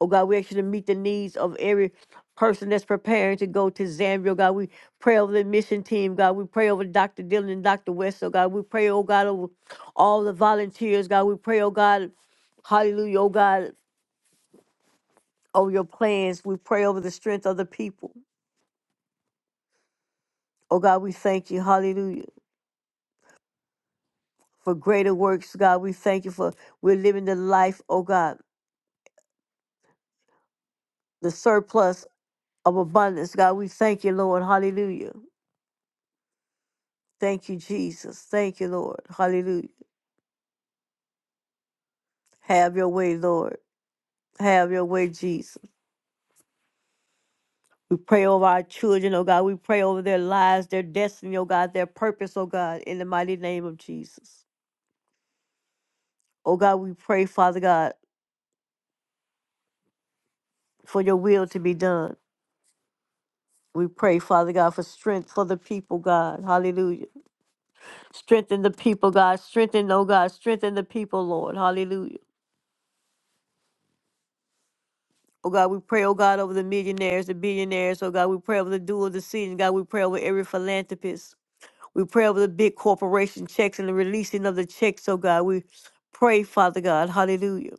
Speaker 2: Oh God, we ask you to meet the needs of every person that's preparing to go to Zambia. Oh God, we pray over the mission team. God, we pray over Dr. Dillon and Dr. West. Oh God, we pray, oh God, over all the volunteers. God, we pray, oh God, hallelujah, oh God, over your plans. We pray over the strength of the people. Oh God, we thank you, hallelujah, for greater works. God, we thank you for we're living the life, oh God, the surplus of abundance. God, we thank you, Lord, hallelujah. Thank you, Jesus. Thank you, Lord. Hallelujah. Have your way, Lord. Have your way, Jesus. We pray over our children, oh God. We pray over their lives, their destiny, oh God, their purpose, oh God, in the mighty name of Jesus. Oh God, we pray, Father God, for your will to be done. We pray, Father God, for strength for the people, God. Hallelujah. Strengthen the people, God. Strengthen, oh God. Strengthen the people, Lord. Hallelujah. Oh God, we pray, oh God, over the millionaires, the billionaires, oh God, we pray over the dual decision, God, we pray over every philanthropist. We pray over the big corporation checks and the releasing of the checks, oh God. We pray, Father God, hallelujah,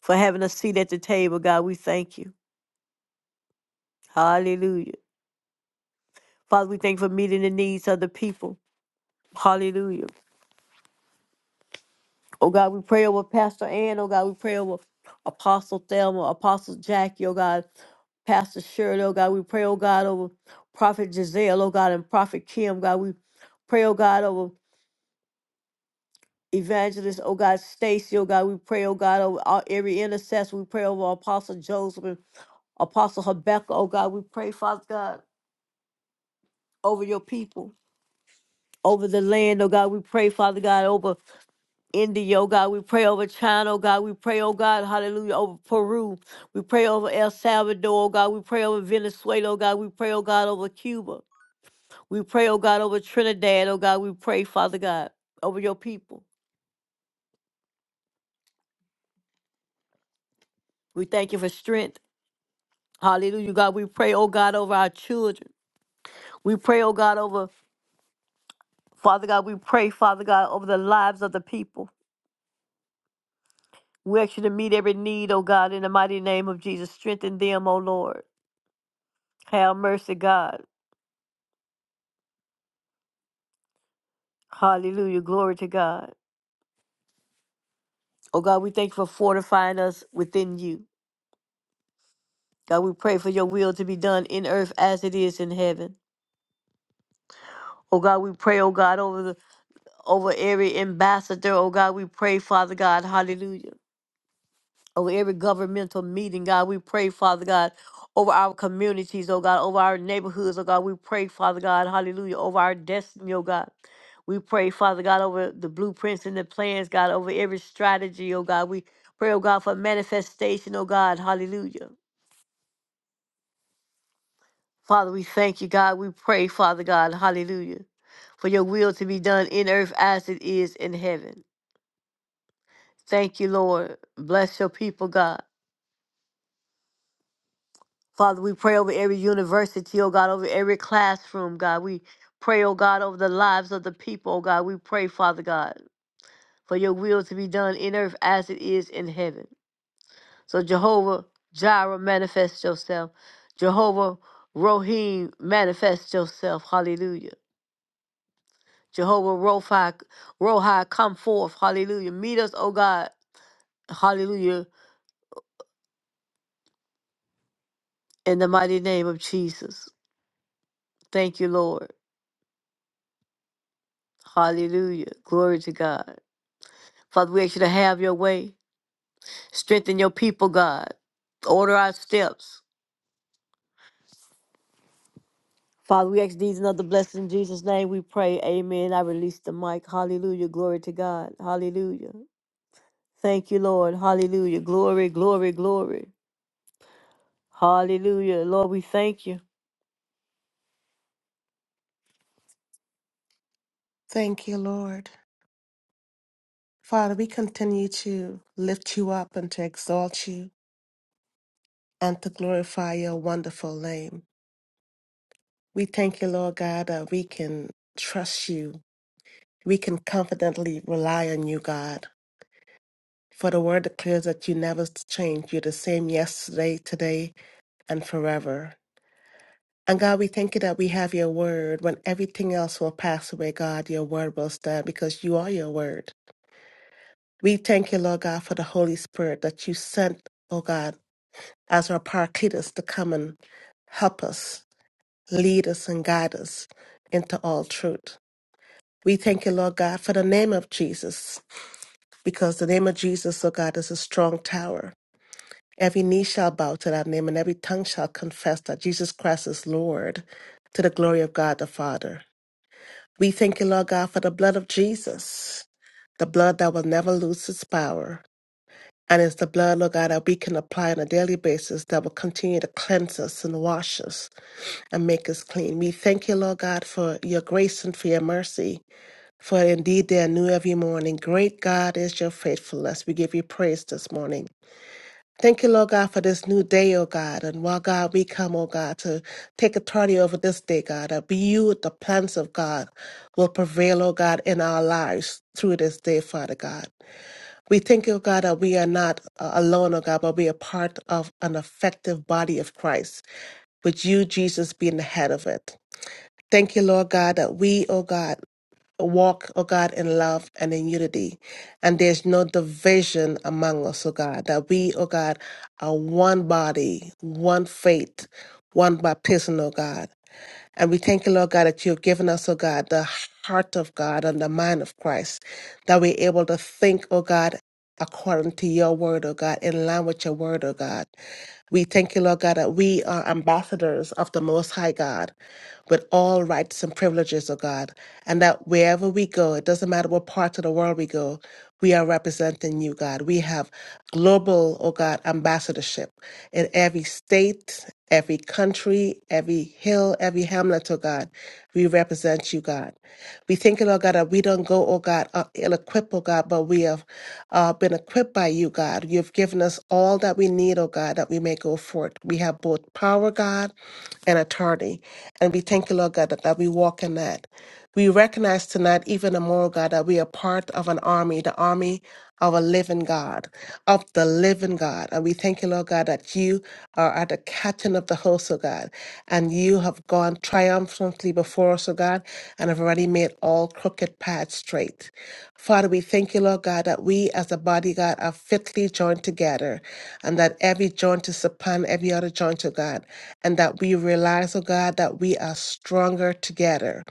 Speaker 2: for having a seat at the table, God. We thank you. Hallelujah. Father, we thank you for meeting the needs of the people. Hallelujah. Oh God, we pray over Pastor Ann. Oh God, we pray over Apostle Thelma, Apostle Jackie, oh God, Pastor Shirley, oh God. We pray, oh God, over Prophet Giselle, oh God, and Prophet Kim, God. We pray, oh God, over Evangelist, oh God, Stacy, oh God, we pray, oh God, over all, every intercessor. We pray over Apostle Joseph and Apostle Habakkuk, oh God. We pray, Father God, over your people, over the land, oh God. We pray, Father God, over India, oh God. We pray over China, oh God. We pray, oh God, hallelujah, over Peru. We pray over El Salvador, oh God. We pray over Venezuela, oh God. We pray, oh God, over Cuba. We pray, oh God, over Trinidad, oh God. We pray, Father God, over your people. We thank you for strength. Hallelujah, God. We pray, oh God, over our children. We pray, oh God, over Father God. We pray, Father God, over the lives of the people. We ask you to meet every need, oh God, in the mighty name of Jesus. Strengthen them, oh Lord. Have mercy, God. Hallelujah. Glory to God. Oh God, we thank you for fortifying us within you. God, we pray for your will to be done in earth as it is in heaven. Oh God, we pray, oh God, over the over every ambassador. Oh God, we pray, Father God, hallelujah. over every governmental meeting, God. We pray, Father God, over our communities, oh God, over our neighborhoods, oh God. We pray, Father God, hallelujah, over our destiny, oh God. We pray, Father God, over the blueprints and the plans, God, over every strategy, oh God. We pray, oh God, for manifestation, oh God, hallelujah. Father, we thank you, God. We pray, Father God, hallelujah, for your will to be done in earth as it is in heaven. Thank you, Lord. Bless your people, God. Father, we pray over every university, oh God, over every classroom, God. We pray, oh God, over the lives of the people, oh God. We pray, Father God, for your will to be done in earth as it is in heaven. So, Jehovah Jireh, manifest yourself. Jehovah Rohim, manifest yourself. Hallelujah. Jehovah Rophi, Rohi, come forth. Hallelujah. Meet us, oh God. Hallelujah. In the mighty name of Jesus. Thank you, Lord. Hallelujah. Glory to God. Father, we ask you to have your way. Strengthen your people, God. Order our steps. Father, we ask these and other blessings in Jesus' name. We pray. Amen. I release the mic. Hallelujah. Glory to God. Hallelujah. Thank you, Lord. Hallelujah. Glory, glory, glory. Hallelujah. Lord, we thank you.
Speaker 1: Thank you, Lord. Father, we continue to lift you up and to exalt you and to glorify your wonderful name. We thank you, Lord God, that we can trust you. We can confidently rely on you, God. For the word declares that you never change. You're the same yesterday, today, and forever. And God, we thank you that we have your word. When everything else will pass away, God, your word will stand because you are your word. We thank you, Lord God, for the Holy Spirit that you sent, oh God, as our Paracletus to come and help us, lead us, and guide us into all truth. We thank you, Lord God, for the name of Jesus, because the name of Jesus, O God, is a strong tower. Every knee shall bow to that name, and every tongue shall confess that Jesus Christ is Lord to the glory of God the Father. We thank you, Lord God, for the blood of Jesus, the blood that will never lose its power. And it's the blood, Lord God, that we can apply on a daily basis that will continue to cleanse us and wash us and make us clean. We thank you, Lord God, for your grace and for your mercy, for indeed they are new every morning. Great God is your faithfulness. We give you praise this morning. Thank you, Lord God, for this new day, O God. And while God, we come, O God, to take authority over this day, God, that you, the plans of God, will prevail, O God, in our lives through this day, Father God. We thank you, God, that we are not uh, alone, O God, but we are part of an effective body of Christ, with you, Jesus, being the head of it. Thank you, Lord God, that we, oh God, walk, oh God, in love and in unity. And there's no division among us, oh God, that we, oh God, are one body, one faith, one baptism, oh God. And we thank you, Lord God, that you've given us, oh God, the heart of God and the mind of Christ, that we're able to think, oh God, according to your word, oh God, in line with your word, oh God. We thank you, Lord God, that we are ambassadors of the Most High God with all rights and privileges, oh God, and that wherever we go, it doesn't matter what part of the world we go, we are representing you, God. We have global, oh God, ambassadorship in every state, every country, every hill, every hamlet, oh God. We represent you, God. We thank you, Lord God, that we don't go, oh God, uh, ill-equipped, oh God, but we have uh, been equipped by you, God. You've given us all that we need, oh God, that we may go forth. We have both power, God, and authority. And we thank you, Lord God, that, that we walk in that. We recognize tonight, even the more, God, that we are part of an army, the army of a living God, of the living God. And we thank you, Lord God, that you are at the captain of the host, O God, and you have gone triumphantly before us, O God, and have already made all crooked paths straight. Father, we thank you, Lord God, that we as a body, God, are fitly joined together, and that every joint is upon every other joint, O God and that we realize, oh God, that we are stronger together.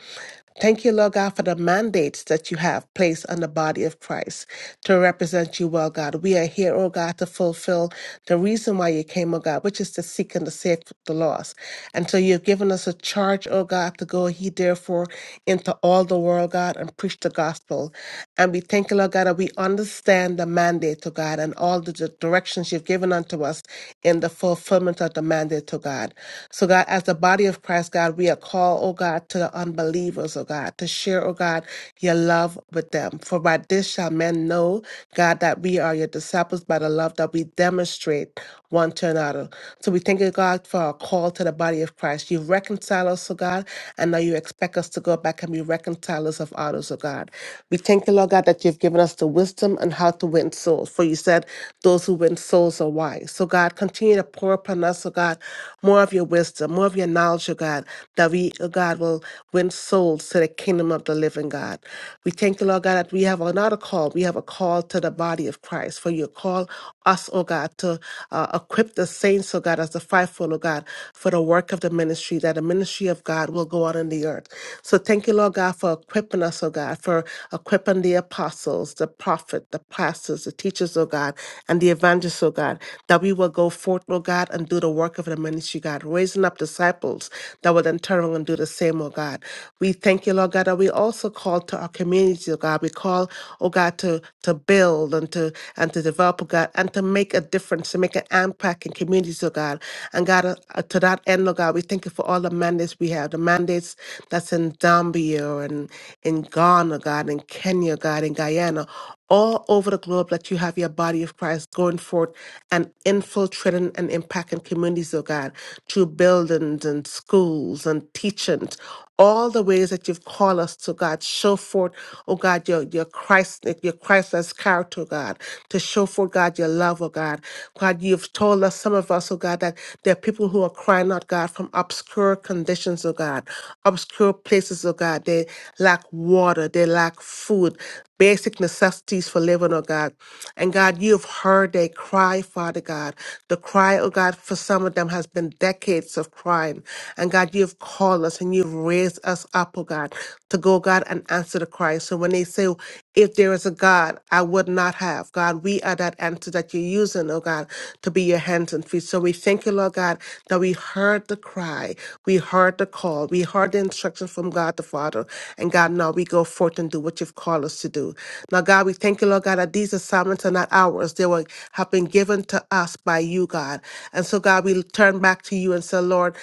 Speaker 1: Thank you, Lord God, for the mandates that you have placed on the body of Christ to represent you well, God. We are here, oh God, to fulfill the reason why you came, oh God, which is to seek and to save the lost. And so you've given us a charge, oh God, to go ye therefore into all the world, God, and preach the gospel. And we thank you, Lord God, that we understand the mandate, oh God, and all the di- directions you've given unto us in the fulfillment of the mandate, oh God. So, God, as the body of Christ, God, we are called, oh God, to the unbelievers, oh God, to share, oh God, your love with them. For by this shall men know, God, that we are your disciples by the love that we demonstrate one to another. So, we thank you, God, for our call to the body of Christ. You reconcile us, oh God, and now you expect us to go back and be reconcilers of others, oh God. We thank you, Lord God, that you've given us the wisdom and how to win souls. For you said, those who win souls are wise. So, God, continue to pour upon us, oh God more of your wisdom, more of your knowledge, O God, that we, O God, will win souls to the kingdom of the living God. We thank you, Lord God, that we have another call. We have a call to the body of Christ. For you call us, oh God, to uh, equip the saints, oh God, as the fivefold, oh God, for the work of the ministry, that the ministry of God will go on in the earth. So thank you, Lord God, for equipping us, oh God, for equipping the apostles, the prophet, the pastors, the teachers, oh God, and the evangelists, oh God, that we will go forth, oh God, and do the work of the ministry, God, raising up disciples that will then turn around and do the same, oh God. We thank you, Lord God, that we also call to our community, oh God. We call, oh God, to to build and to and to develop, oh God, and to make a difference, to make an impact in communities, oh God. And God, uh, uh, to that end, oh God, we thank you for all the mandates we have, the mandates that's in Zambia and in Ghana, oh God, in Kenya, oh God, in Guyana, all over the globe, that you have your body of Christ going forth and infiltrating and impacting communities, oh God, through buildings and schools and teachings, all the ways that you've called us to God, show forth, oh God, your your Christ, your Christless character, oh God, to show forth, God, your love, oh God. God, you've told us, some of us, oh God, that there are people who are crying out, God, from obscure conditions, oh God, obscure places, oh God. They lack water, they lack food, basic necessities for living, oh God. And God, you've heard their cry, Father God. The cry, oh God, for some of them has been decades of crying. And God, you've called us and you've raised us up, oh God, to go, God, and answer the cry. So when they say, if there is a God, I would not have. God, we are that answer that you're using, oh God, to be your hands and feet. So we thank you, Lord God, that we heard the cry. We heard the call. We heard the instructions from God from God the Father. And God, now we go forth and do what you've called us to do. Now, God, we thank you, Lord God, that these assignments are not ours. They were have been given to us by you, God. And so, God, we turn back to you and say, Lord,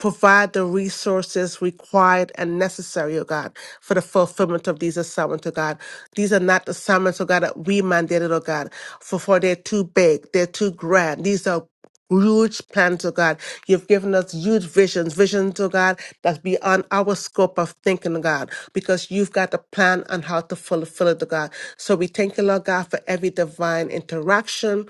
Speaker 1: provide the resources required and necessary, oh God, for the fulfillment of these assignments, oh God. These are not assignments, oh God, that we mandated, oh God, for, for they're too big, they're too grand. These are huge plans, oh God. You've given us huge visions, visions, oh God, that's beyond our scope of thinking, oh God, because you've got a plan on how to fulfill it, oh God. So we thank you, Lord God, for every divine interaction,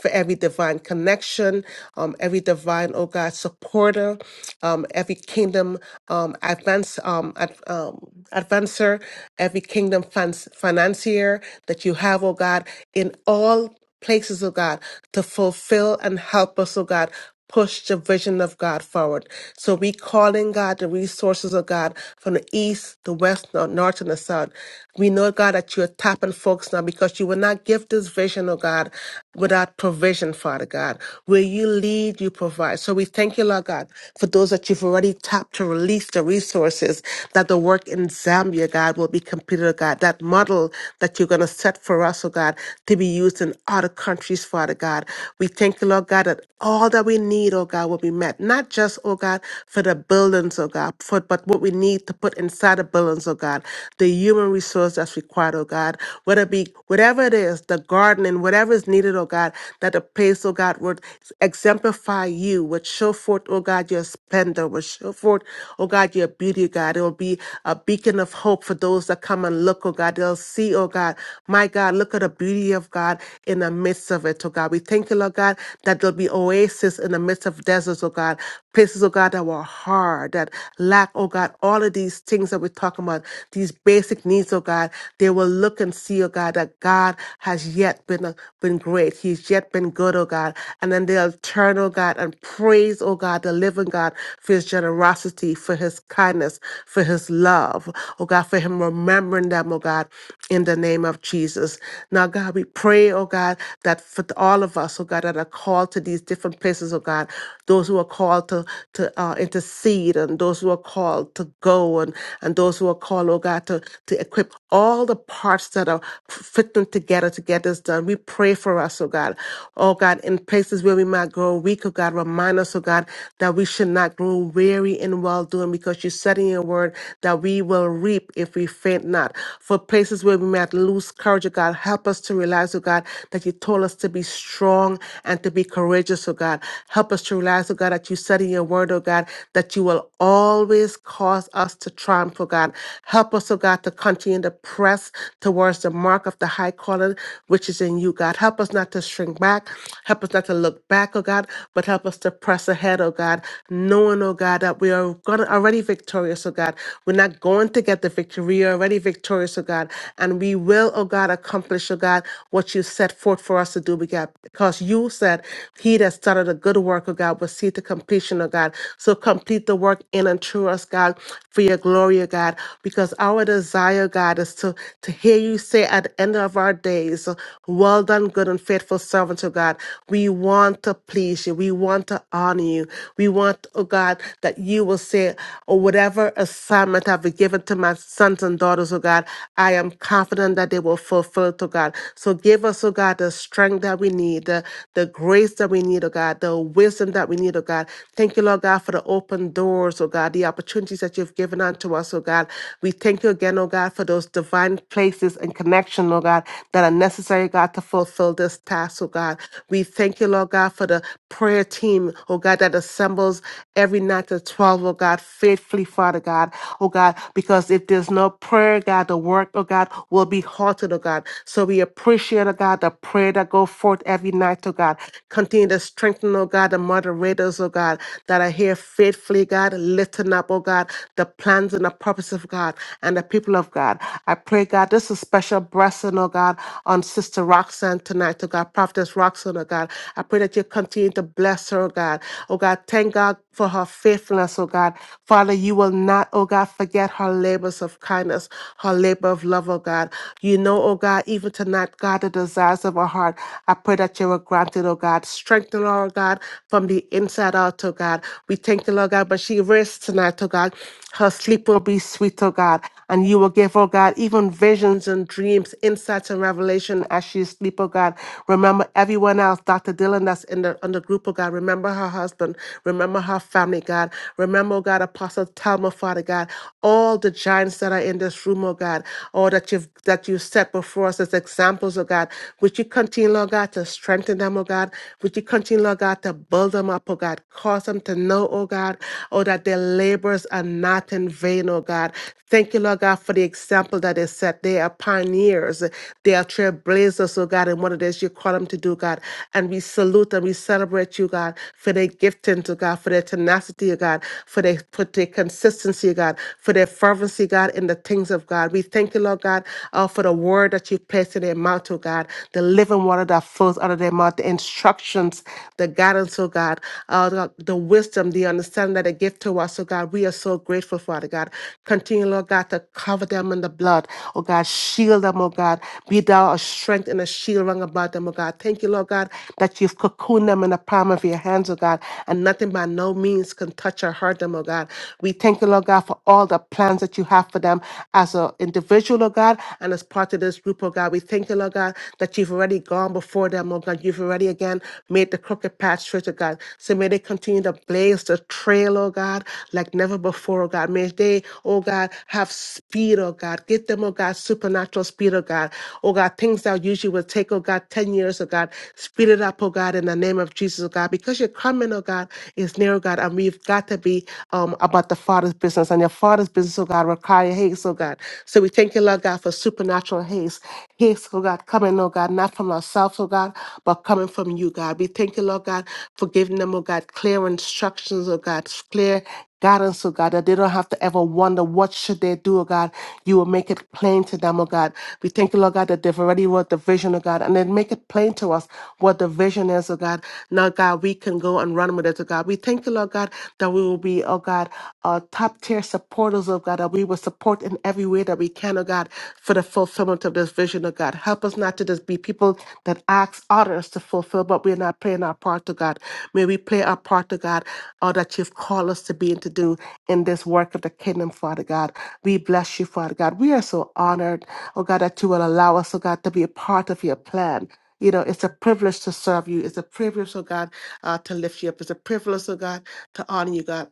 Speaker 1: for every divine connection, um, every divine, oh God, supporter, um, every kingdom um, advance, um, ad, um, advancer, every kingdom finance financier that you have, oh God, in all places, oh God, to fulfill and help us, oh God, push the vision of God forward. So we call in God the resources of God from the east, the west, the north, and the south. We know, God, that you're tapping folks now because you will not give this vision, oh God, without provision, Father God. Where you lead, you provide. So we thank you, Lord God, for those that you've already tapped to release the resources that the work in Zambia, God, will be completed, oh God. That model that you're going to set for us, oh God, to be used in other countries, Father God. We thank you, Lord God, that all that we need, oh God, will be met. Not just, oh God, for the buildings, oh God, for, but what we need to put inside the buildings, oh God, the human resource that's required, oh God, whether it be whatever it is, the gardening, whatever is needed, oh God, that the place, oh God, would exemplify you, would show forth, oh God, your splendor, would show forth, oh God, your beauty, oh God. It will be a beacon of hope for those that come and look, oh God. They'll see, oh God, my God, look at the beauty of God in the midst of it, oh God. We thank you, Lord God, that there'll be oasis in the midst of deserts, oh God places, oh God, that were hard, that lack, oh God, all of these things that we're talking about, these basic needs, oh God, they will look and see, oh God, that God has yet been, uh, been great. He's yet been good, oh God. And then they'll turn, oh God, and praise, oh God, the living God for his generosity, for his kindness, for his love, oh God, for him remembering them, oh God, in the name of Jesus. Now, God, we pray, oh God, that for all of us, oh God, that are called to these different places, oh God, those who are are called to to uh, intercede and those who are called to go and and those who are called, oh God, to to equip all the parts that are fitting together to get this done. We pray for us, oh God. Oh God, in places where we might grow weak, oh God, remind us, oh God, that we should not grow weary in well doing because you said in your word that we will reap if we faint not. For places where we might lose courage, oh God, help us to realize, oh God, that you told us to be strong and to be courageous, oh God. Help us to realize ask, oh God, that you study your word, oh God, that you will always cause us to triumph, oh God. Help us, oh God, to continue to press towards the mark of the high calling which is in you, God. Help us not to shrink back. Help us not to look back, oh God, but help us to press ahead, oh God, knowing, oh God, that we are gonna already victorious, oh God. We're not going to get the victory. We are already victorious, oh God. And we will, oh God, accomplish, oh God, what you set forth for us to do, we God, because you said, He that started a good work work, oh God, but see the completion, oh God. So complete the work in and through us, God, for your glory, oh God, because our desire, God, is to, to hear you say at the end of our days, well done, good and faithful servant, oh God. We want to please you. We want to honor you. We want, oh God, that you will say, or whatever assignment I've been given to my sons and daughters, oh God, I am confident that they will fulfill it, oh God. So give us, oh God, the strength that we need, the, the grace that we need, oh God, the wisdom that we need, oh God. Thank you, Lord God, for the open doors, oh God, the opportunities that you've given unto us, oh God. We thank you again, oh God, for those divine places and connection, oh God, that are necessary, God, to fulfill this task, oh God. We thank you, Lord God, for the prayer team, oh God, that assembles every night at 12, oh God, faithfully, Father God, oh God, because if there's no prayer, God, the work, oh God, will be halted, oh God. So we appreciate, oh God, the prayer that go forth every night, oh God. Continue to strengthen, oh God, the moderators, oh God, that are here faithfully, God, lifting up, oh God, the plans and the purpose of God and the people of God. I pray, God, this is special blessing, oh God, on Sister Roxanne tonight, oh God, Prophetess Roxanne, oh God. I pray that you continue to bless her, oh God. Oh God, thank God for her faithfulness, oh God. Father, you will not, oh God, forget her labors of kindness, her labor of love, oh God. You know, oh God, even tonight, God, the desires of her heart. I pray that you will grant it, oh God. Strengthen her, Lord God, from the inside out, oh God. We thank you, Lord God, but she rests tonight, oh God. Her sleep will be sweet, oh God. And you will give, oh God, even visions and dreams, insights and revelation as she sleep, oh God. Remember everyone else, Dr. Dylan, that's in the on the group, oh God. Remember her husband. Remember her family, God. Remember, oh God, Apostle Talma, Father God. All the giants that are in this room, oh God, or that you've that you set before us as examples, oh God. Would you continue, Lord God, to strengthen them, oh God? God. Would you continue, Lord God, to build them up, oh God? Cause them to know, oh God, oh, that their labors are not in vain, oh God. Thank you, Lord God, for the example that is set. They are pioneers. They are trailblazers, oh God, in what it is you call them to do, God. And we salute and we celebrate you, God, for their gifting, to God, for their tenacity, oh God, for their, for their consistency, oh God, for their fervency, God, in the things of God. We thank you, Lord God, uh, for the word that you placed in their mouth, oh God, the living water that flows out of their mouth Lord, the instructions, the guidance, oh God, uh, the, the wisdom, the understanding that they give to us, oh God. We are so grateful, Father God. Continue, Lord God, to cover them in the blood, oh God. Shield them, oh God. Be thou a strength and a shield rung about them, oh God. Thank you, Lord God, that you've cocooned them in the palm of your hands, oh God, and nothing by no means can touch or hurt them, oh God. We thank you, Lord God, for all the plans that you have for them as an individual, oh God, and as part of this group, oh God. We thank you, Lord God, that you've already gone before them, God, Mom, God, you've already again made the crooked path straight, oh God. So may they continue to blaze the trail, oh God, like never before, oh God. May they, oh God, have speed, oh God. Give them, oh God, supernatural speed, oh God. Oh God, things that usually would take, oh God, 10 years, oh God. Speed it up, oh God, in the name of Jesus, oh God, because your coming, oh God, is near, oh God, and we've got to be um, about the Father's business and your Father's business, oh God, require haste, oh God. So we thank you, Lord God, for supernatural haste. Haste, oh God, coming, oh God, not from ourselves themselves, oh God, but coming from you, God. We thank you, Lord God, for giving them, oh God, clear instructions, oh God, clear guidance, oh God, that they don't have to ever wonder what should they do, oh God. You will make it plain to them, oh God. We thank you, Lord God, that they've already wrote the vision, oh God, and then make it plain to us what the vision is, oh God. Now, God, we can go and run with it, oh God. We thank you, Lord God, that we will be, oh God, uh, top tier supporters, oh God, that we will support in every way that we can, oh God, for the fulfillment of this vision, oh God. Help us not to just be people that asks others to fulfill, but we're not playing our part to God. May we play our part to God, all that you've called us to be and to do in this work of the kingdom, Father God. We bless you, Father God. We are so honored, oh God, that you will allow us, oh God, to be a part of your plan. You know, it's a privilege to serve you. It's a privilege, oh God, uh, to lift you up. It's a privilege, oh God, to honor you, God.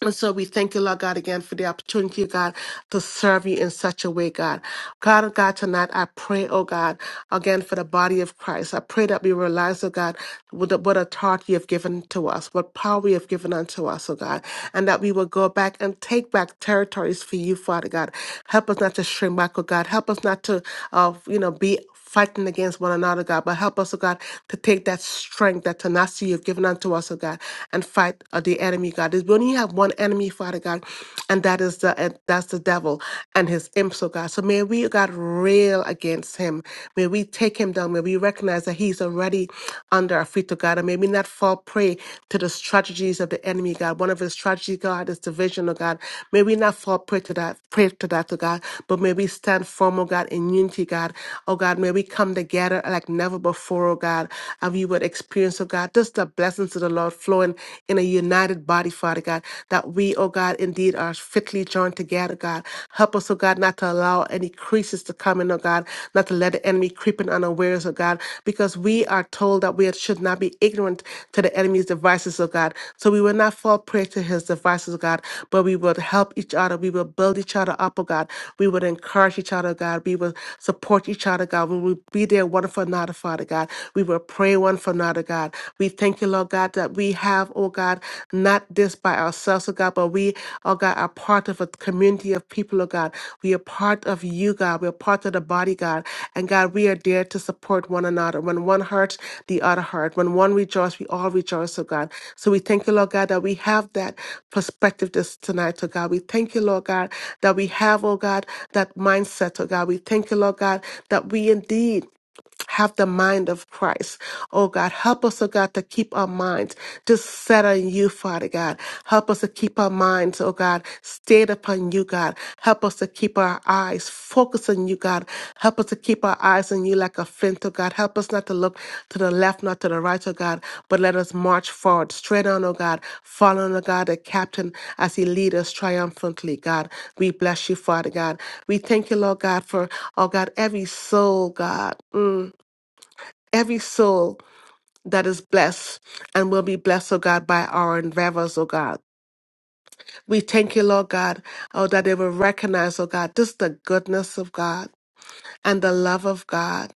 Speaker 1: And so we thank you, Lord God, again for the opportunity, God to serve you in such a way, God. God, oh God, tonight I pray, oh God, again for the body of Christ. I pray that we realize, oh God, what, what authority you have given to us, what power you have given unto us, oh God, and that we will go back and take back territories for you, Father God. Help us not to shrink back, oh God. Help us not to, uh, you know, be fighting against one another, God, but help us, oh God, to take that strength, that tenacity you've given unto us, oh God, and fight uh, the enemy, God. We only have one enemy, Father God, and that is the and that's the devil and his imps, oh God. So may we, oh God, rail against him. May we take him down. May we recognize that he's already under our feet, oh God, and may we not fall prey to the strategies of the enemy, God. One of his strategies, God, is division, oh God. May we not fall prey to that, pray to that, oh God, but may we stand firm, oh God, in unity, God. Oh God, may we come together like never before, oh God, and we would experience, oh God, just the blessings of the Lord flowing in a united body, Father God, that we, oh God, indeed are fitly joined together, God. Help us, oh God, not to allow any creases to come in, oh God, not to let the enemy creep in unawares, oh God, because we are told that we should not be ignorant to the enemy's devices, oh God. So we will not fall prey to his devices, oh God, but we will help each other. We will build each other up, oh God. We would encourage each other, oh God. We will support each other, God. We will be there one for another, Father God. We will pray one for another for now, oh God. We thank you, Lord God, that we have, oh God, not this by ourselves, oh God, but we, oh God, are part of a community of people, oh God. We are part of you, God. We are part of the body, God. And God, we are there to support one another. When one hurts, the other hurts. When one rejoices, we all rejoice, oh God. So we thank you, Lord God, that we have that perspective this tonight, oh God. We thank you, Lord God, that we have, oh God, that mindset, oh God. We thank you, Lord God, that we indeed have the mind of Christ. Oh God, help us, oh God, to keep our minds just set on you, Father God. Help us to keep our minds, oh God, stayed upon you, God. Help us to keep our eyes focused on you, God. Help us to keep our eyes on you like a flint, oh God. Help us not to look to the left, not to the right, oh God, but let us march forward, straight on, oh God, following, oh God, the captain as he leads us triumphantly, God. We bless you, Father God. We thank you, Lord God, for, oh God, every soul, God. Mm every soul that is blessed and will be blessed, oh God, by our endeavors, oh God. We thank you, Lord God, oh, that they will recognize, oh God, just the goodness of God and the love of God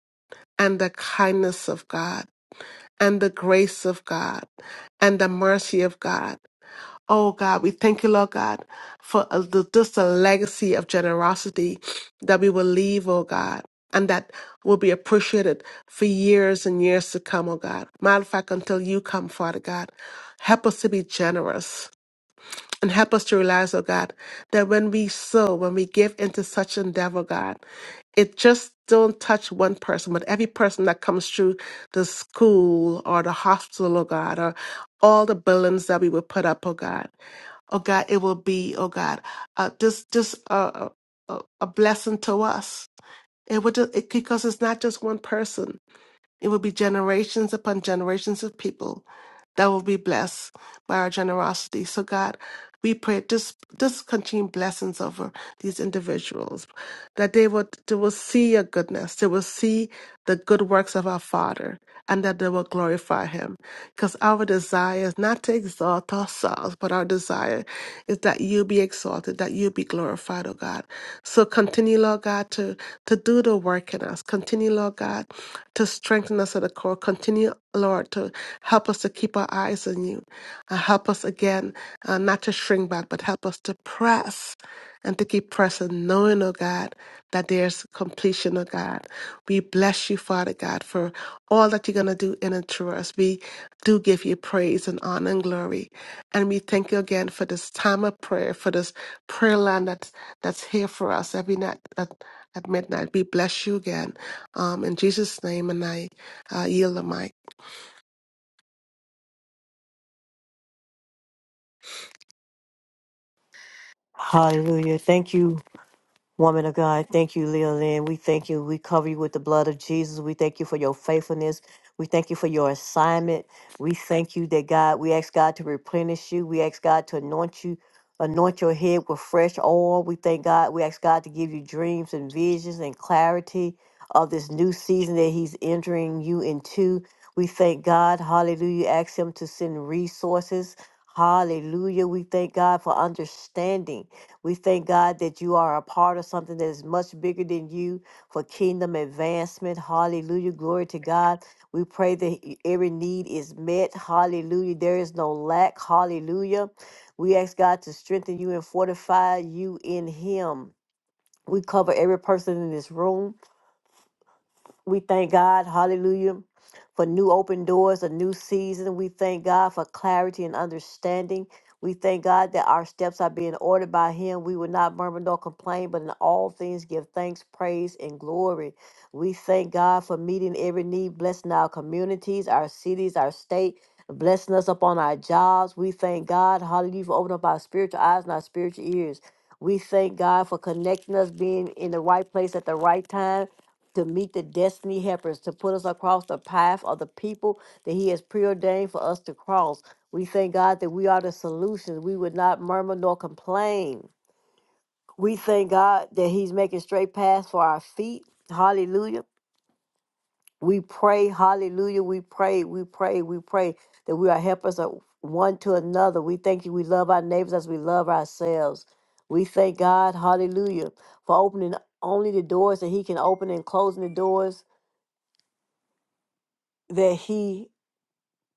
Speaker 1: and the kindness of God and the grace of God and the mercy of God. Oh God, we thank you, Lord God, for uh, the, just a legacy of generosity that we will leave, oh God, and that will be appreciated for years and years to come, oh God. Matter of fact, until you come, Father God, help us to be generous and help us to realize, oh God, that when we sow, when we give into such endeavor, God, it just don't touch one person, but every person that comes through the school or the hospital, oh God, or all the buildings that we will put up, oh God oh God, it will be, oh God, uh, just just a, a a blessing to us. It would just, it, because it's not just one person. It will be generations upon generations of people that will be blessed by our generosity. So, God, we pray just just continue blessings over these individuals, that they will they will see your goodness, they will see the good works of our Father, and that they will glorify Him. Because our desire is not to exalt ourselves, but our desire is that you be exalted, that you be glorified, oh God. So continue, Lord God, to to do the work in us. Continue, Lord God to strengthen us at the core. Continue, Lord, to help us to keep our eyes on you. Uh, help us again uh, not to shrink back, but help us to press and to keep pressing, knowing, oh God, that there's completion, oh God. We bless you, Father God, for all that you're going to do in and through us. We do give you praise and honor and glory. And we thank you again for this time of prayer, for this prayer land that's, that's here for us every night at, at midnight. We bless you again. Um, in Jesus' name, and I uh, yield the mic.
Speaker 2: Hallelujah. Thank you. Woman of God, thank you, Leolyn. We thank you. We cover you with the blood of Jesus. We thank you for your faithfulness. We thank you for your assignment. We thank you that God, we ask God to replenish you. We ask God to anoint you, anoint your head with fresh oil. We thank God. We ask God to give you dreams and visions and clarity of this new season that He's entering you into. We thank God. Hallelujah. Ask Him to send resources. Hallelujah. We thank God for understanding. We thank God that you are a part of something that is much bigger than you for kingdom advancement. Hallelujah. Glory to God. We pray that e- every need is met. Hallelujah. There is no lack. Hallelujah. We ask God to strengthen you and fortify you in Him. We cover every person in this room. We thank God, hallelujah, for new open doors, a new season. We thank God for clarity and understanding. We thank God that our steps are being ordered by Him. We will not murmur nor complain, but in all things give thanks, praise, and glory. We thank God for meeting every need, blessing our communities, our cities, our state, blessing us upon our jobs. We thank God, hallelujah, for opening up our spiritual eyes and our spiritual ears. We thank God for connecting us, being in the right place at the right time to meet the destiny helpers, to put us across the path of the people that He has preordained for us to cross. We thank God that we are the solution. We would not murmur nor complain. We thank God that He's making straight paths for our feet. Hallelujah. We pray, hallelujah. We pray, we pray, we pray that we are helpers of one to another. We thank you. We love our neighbors as we love ourselves. We thank God, hallelujah, for opening only the doors that He can open and closing the doors that he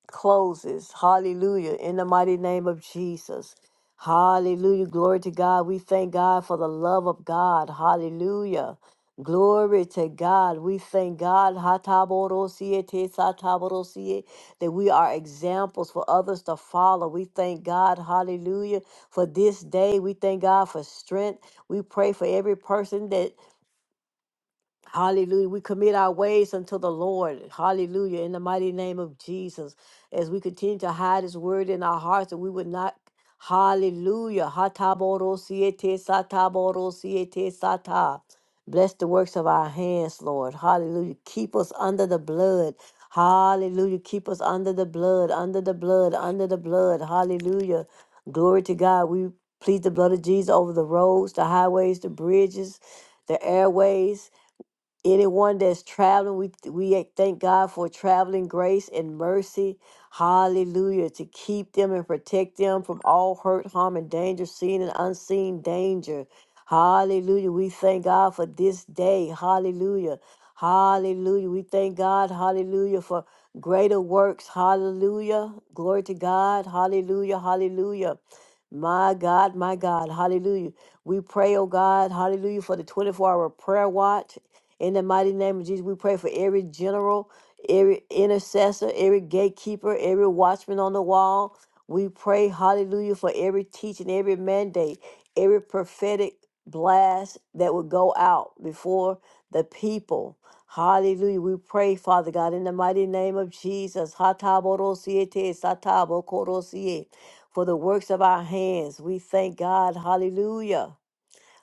Speaker 2: closes. Hallelujah. In the mighty name of Jesus. Hallelujah. Glory to God. We thank God for the love of God. Hallelujah. Glory to God. We thank God Hatabodosie, tesatabodosie, that we are examples for others to follow. We thank God, hallelujah, for this day. We thank God for strength. We pray for every person that Hallelujah. We commit our ways unto the Lord. Hallelujah. In the mighty name of Jesus. As we continue to hide his word in our hearts, that we would not. Hallelujah. Hataboro siete sataboro siete sata. Bless the works of our hands, Lord. Hallelujah. Keep us under the blood. Hallelujah. Keep us under the blood, under the blood, under the blood. Hallelujah. Glory to God. We plead the blood of Jesus over the roads, the highways, the bridges, the airways anyone that's traveling we we thank god for traveling grace and mercy hallelujah to keep them and protect them from all hurt harm and danger seen and unseen danger hallelujah we thank god for this day hallelujah hallelujah we thank god hallelujah for greater works hallelujah glory to god hallelujah hallelujah my God, my God, hallelujah. We pray, oh God, hallelujah, for the 24 hour prayer watch in the mighty name of Jesus, we pray for every general, every intercessor, every gatekeeper, every watchman on the wall. We pray, hallelujah, for every teaching, every mandate, every prophetic blast that would go out before the people. Hallelujah. We pray, Father God, in the mighty name of Jesus. Hataborosiete, satabokorosie, For the works of our hands, we thank God. Hallelujah.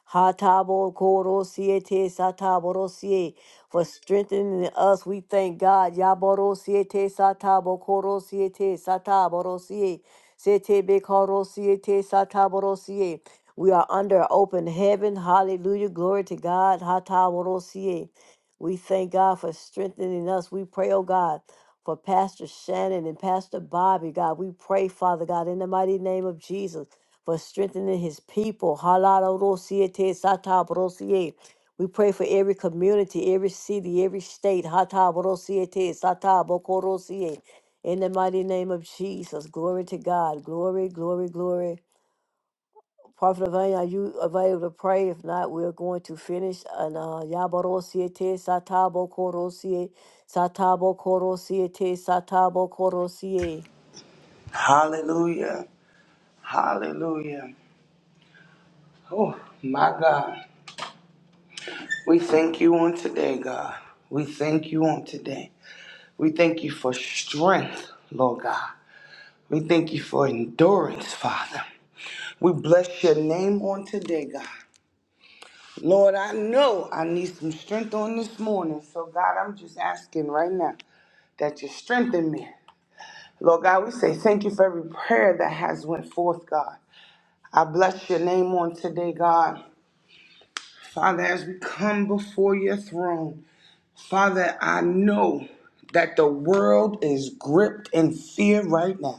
Speaker 2: Hatabo korosie te sataborosie for strengthening us. We thank God. Yaborosie te satabo korosie te sataborosie. Sete be korosie te sataborosie. We are under open heaven. Hallelujah. Glory to God. Hataborosie. We thank God for strengthening us. We pray, oh God, for Pastor Shannon and Pastor Bobby, God. We pray, Father God, in the mighty name of Jesus for strengthening his people. Halalorosiete satabrosie. We pray for every community, every city, every state. Hatabrosiete satabokorosie. In the mighty name of Jesus, glory to God. Glory, glory, glory. Prophet Avanya, are you available to pray? If not, we're going to finish. And uh, Yabarosiete satabokorosie. Satabokorosie te satabokorosie.
Speaker 3: Hallelujah. Hallelujah. Oh, my God. We thank you on today, God. We thank you on today. We thank you for strength, Lord God. We thank you for endurance, Father. We bless your name on today, God. Lord, I know I need some strength on this morning. So, God, I'm just asking right now that you strengthen me. Lord God, we say thank you for every prayer that has went forth, God. I bless your name on today, God. Father, as we come before your throne, Father, I know that the world is gripped in fear right now.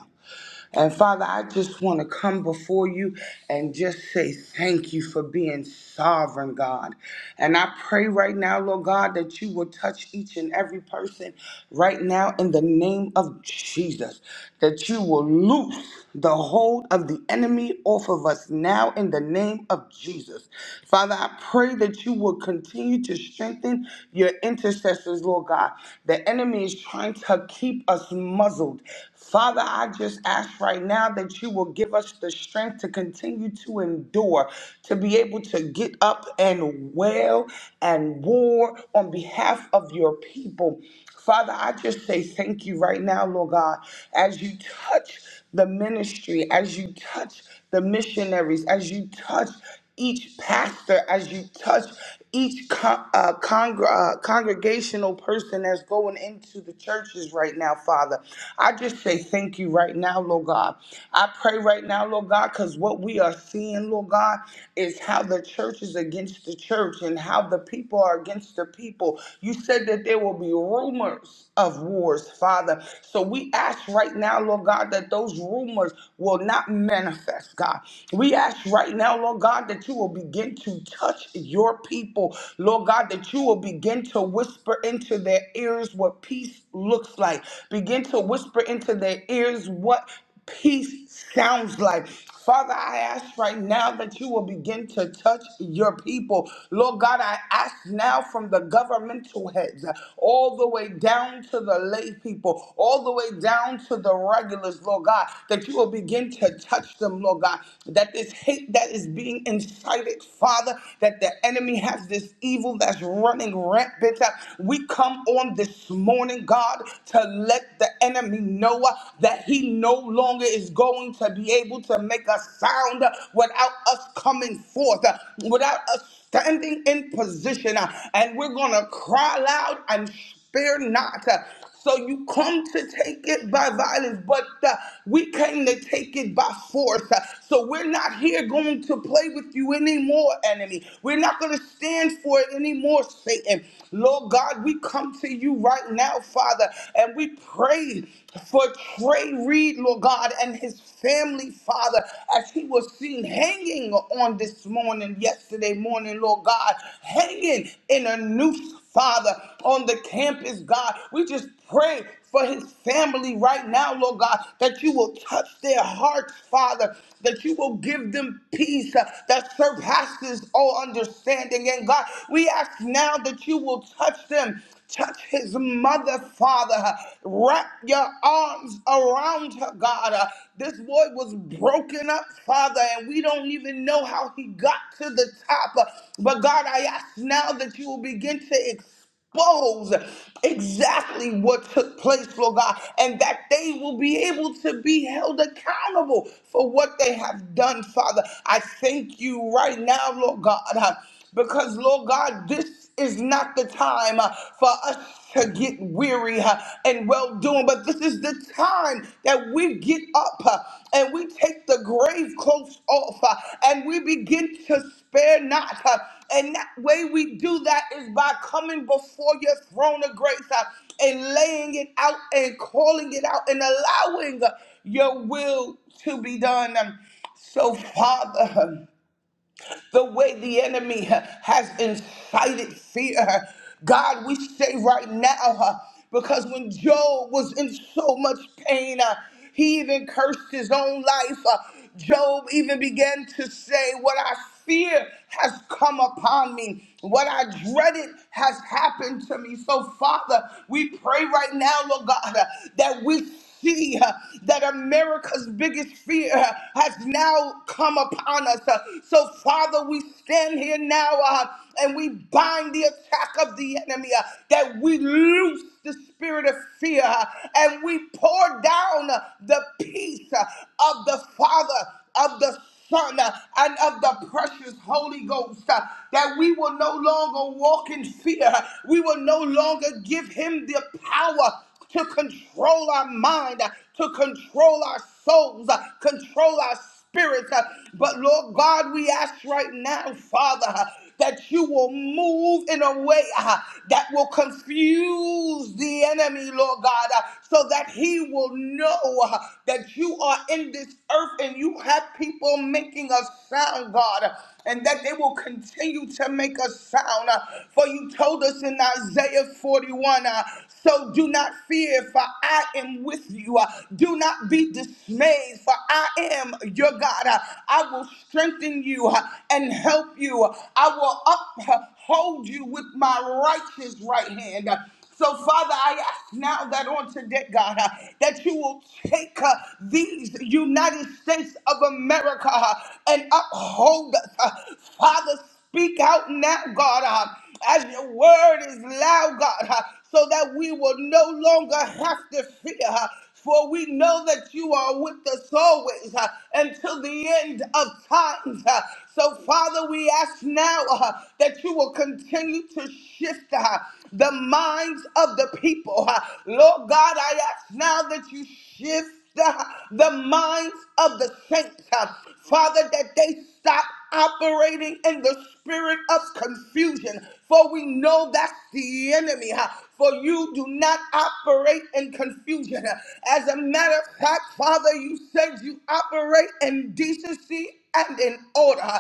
Speaker 3: And Father, I just want to come before you and just say thank you for being sovereign, God. And I pray right now, Lord God, that you will touch each and every person right now in the name of Jesus, that you will loose the hold of the enemy off of us now in the name of Jesus. Father, I pray that you will continue to strengthen your intercessors, Lord God. The enemy is trying to keep us muzzled. Father, I just ask right now that you will give us the strength to continue to endure, to be able to get up and wail and war on behalf of your people. Father, I just say thank you right now, Lord God, as you touch the ministry, as you touch the missionaries, as you touch each pastor as you touch each con- uh, congr- uh, congregational person that's going into the churches right now, Father. I just say thank you right now, Lord God. I pray right now, Lord God, because what we are seeing, Lord God, is how the church is against the church and how the people are against the people. You said that there will be rumors of wars, Father. So we ask right now, Lord God, that those rumors will not manifest, God. We ask right now, Lord God that you will begin to touch your people. Lord God, that you will begin to whisper into their ears what peace looks like. Begin to whisper into their ears what peace sounds like. Father, I ask right now that you will begin to touch your people. Lord God, I ask now from the governmental heads, all the way down to the lay people, all the way down to the regulars, Lord God, that you will begin to touch them, Lord God, that this hate that is being incited, Father, that the enemy has this evil that's running rampant. Uh, We come on this morning, God, to let the enemy know uh, that he no longer is going to be able to make a sound uh, without us coming forth, uh, without us standing in position. uh, And we're going to cry loud and spare not. uh, so you come to take it by violence, but uh, we came to take it by force. Uh, So we're not here going to play with you anymore, enemy. We're not going to stand for it anymore, Satan. Lord God, we come to you right now, Father, and we pray for Trey Reed, Lord God, and his family, Father, as he was seen hanging on this morning, yesterday morning, Lord God, hanging in a noose, Father, on the campus, God. We just pray for his family right now, Lord God, that you will touch their hearts, Father, that you will give them peace uh, that surpasses all understanding. And God, we ask now that you will touch them Touch his mother, Father. Wrap your arms around her, God. Uh, This boy was broken up, Father, and we don't even know how he got to the top. Uh, But God, I ask now that you will begin to expose exactly what took place, Lord God, and that they will be able to be held accountable for what they have done, Father. I thank you right now, Lord God because, Lord God, this is not the time uh, for us to get weary uh, and well doing, but this is the time that we get up uh, and we take the grave clothes off uh, and we begin to spare not. uh, and that way we do that is by coming before your throne of grace uh, and laying it out and calling it out and allowing uh, your will to be done. Um, so, Father the way the enemy uh, has incited fear. God, we say right now, uh, because when Job was in so much pain, uh, he even cursed his own life. Uh, Job even began to say, What I fear has come upon me. What I dreaded has happened to me. So, Father, we pray right now, Lord God, uh, that we see uh, that America's biggest fear uh, has now come upon us. Uh, So, Father, we stand here now uh, and we bind the attack of the enemy, uh, that we loose the spirit of fear uh, and we pour down uh, the peace uh, of the Father, of the Son uh, and of the precious Holy Ghost, uh, that we will no longer walk in fear. We will no longer give him the power to control our mind, to control our souls, control our spirits. But Lord God, we ask right now, Father, that you will move in a way uh, that will confuse the enemy, Lord God, uh, so that he will know uh, that you are in this earth and you have people making us sound, God, uh, and that they will continue to make us sound. uh, For you told us in Isaiah 41, uh, so do not not fear, for I am with you. Uh, Do not be dismayed, for I am your God. Uh, I will strengthen you uh, and help you. I will uphold you with my righteous right hand. Uh, so, Father, I ask now that on today, God, uh, that you will take uh, these United States of America uh, and uphold us. uh, Father, speak out now, God, uh, as your word is loud, God, uh, so that we will no longer have to fear. uh, for we know that you are with us always uh, until the end of times. uh. so, Father, we ask now uh, that you will continue to shift uh, the minds of the people. uh. Lord God, I ask now that you shift the, the minds of the saints. uh. Father, that they stop operating in the spirit of confusion, for we know that's the enemy. huh? For you do not operate in confusion. As a matter of fact, Father, you said you operate in decency and in order.